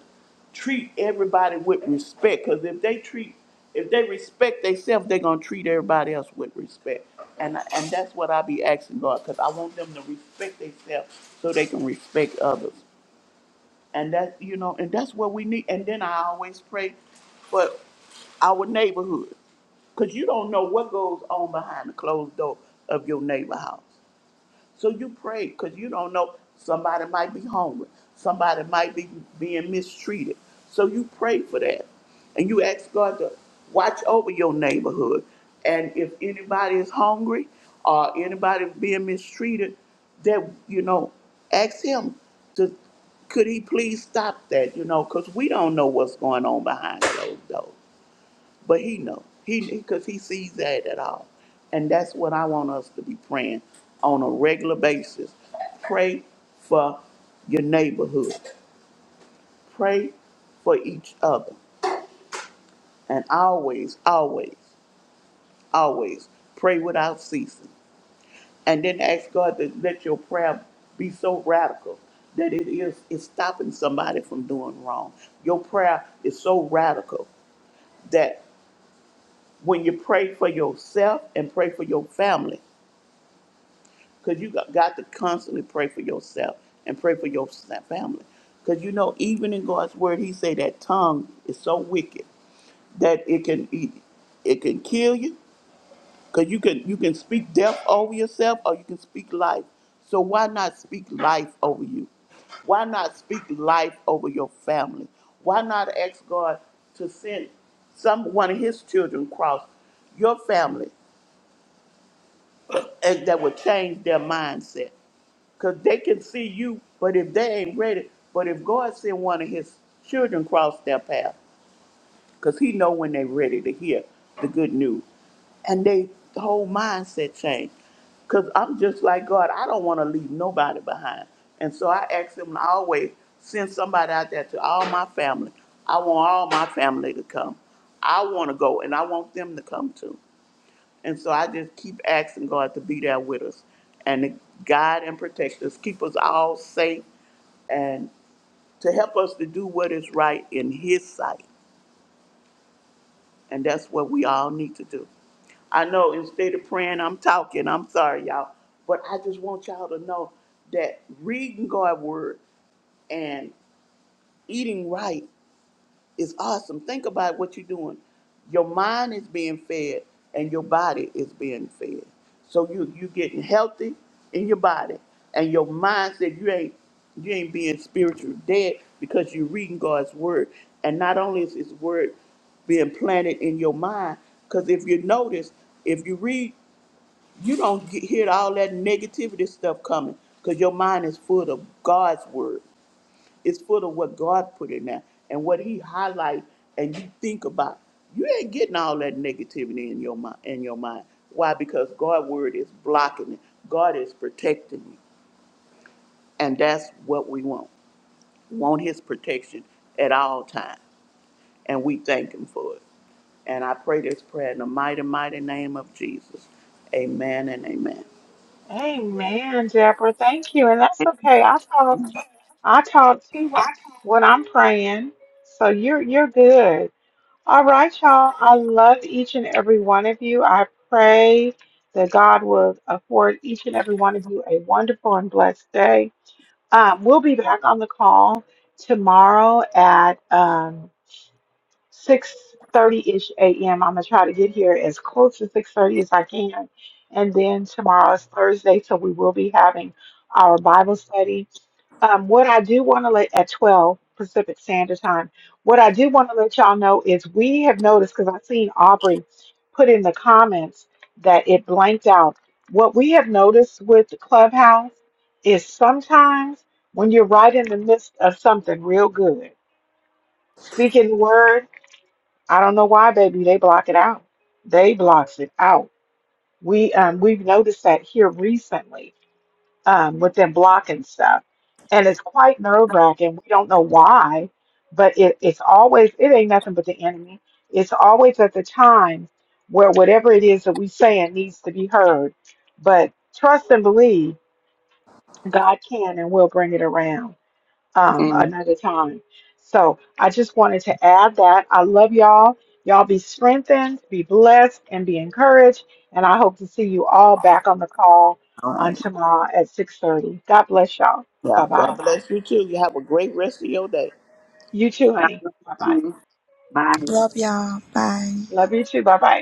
C: treat everybody with respect because if they treat if they respect themselves, they're gonna treat everybody else with respect. And I- and that's what I be asking God because I want them to respect themselves so they can respect others. And that, you know, and that's what we need. And then I always pray for our neighborhood. Because you don't know what goes on behind the closed door of your neighbor house. So you pray because you don't know somebody might be hungry, somebody might be being mistreated. So you pray for that, and you ask God to watch over your neighborhood. And if anybody is hungry or anybody is being mistreated, that you know, ask Him to could He please stop that? You know, because we don't know what's going on behind those doors. But he knows. He because he sees that at all. And that's what I want us to be praying on a regular basis. Pray for your neighborhood. Pray for each other. And always, always, always pray without ceasing. And then ask God to let your prayer be so radical that it is it's stopping somebody from doing wrong. Your prayer is so radical that when you pray for yourself and pray for your family, because you got, got to constantly pray for yourself and pray for your s- family. Because you know, even in God's word, He say that tongue is so wicked that it can it, it can kill you. Because you can you can speak death over yourself, or you can speak life. So why not speak life over you? Why not speak life over your family? Why not ask God to send some one of His children across your family and that would change their mindset? Because they can see you, but if they ain't ready, but if God send one of his children cross their path, because he know when they're ready to hear the good news. And they the whole mindset change. Because I'm just like God, I don't want to leave nobody behind. And so I ask him to always send somebody out there to all my family. I want all my family to come. I want to go and I want them to come too. And so I just keep asking God to be there with us and to guide and protect us, keep us all safe, and to help us to do what is right in His sight. And that's what we all need to do. I know instead of praying, I'm talking. I'm sorry, y'all. But I just want y'all to know that reading God's word and eating right is awesome. Think about what you're doing. Your mind is being fed and your body is being fed. So you you getting healthy in your body and your mind said you ain't you ain't being spiritual dead because you're reading God's word. And not only is his word being planted in your mind, because if you notice, if you read, you don't get, hear all that negativity stuff coming because your mind is full of God's word. It's full of what God put in there and what He highlight, and you think about. You ain't getting all that negativity in your mind. In your mind, why? Because God's word is blocking it. God is protecting you, and that's what we want. We want His protection at all times, and we thank Him for it. And I pray this prayer in the mighty, mighty name of Jesus. Amen and amen.
A: Amen, Deborah. Thank you, and that's okay. I talk. I talk too. when when I'm praying. So you're you're good. All right, y'all. I love each and every one of you. I pray that God will afford each and every one of you a wonderful and blessed day. Um, we'll be back on the call tomorrow at um, 6.30ish a.m. I'm going to try to get here as close to 6.30 as I can. And then tomorrow is Thursday, so we will be having our Bible study. Um, what I do want to let at 12 Pacific Standard Time, what I do want to let y'all know is we have noticed because I've seen Aubrey put in the comments that it blanked out. What we have noticed with the Clubhouse is sometimes when you're right in the midst of something real good, speaking the word, I don't know why, baby, they block it out. They blocks it out. We um, we've noticed that here recently um, within block and stuff. And it's quite nerve wracking. We don't know why, but it, it's always, it ain't nothing but the enemy. It's always at the time where whatever it is that we saying needs to be heard. But trust and believe God can and will bring it around um,
D: Amen.
A: another time. So I just wanted to add that. I love y'all. Y'all be strengthened, be blessed, and be encouraged. And I hope to see you all back on the call
C: All right.
A: on tomorrow at 6:30. God bless y'all.
C: Yeah.
A: Bye bye.
C: God bless you too. You have a great rest of your day.
A: You too,
D: God
A: honey.
D: bless
A: Bye
C: All right.
A: bye.
D: you. Bye.
E: Love y'all. Bye.
A: Love you too. Bye bye.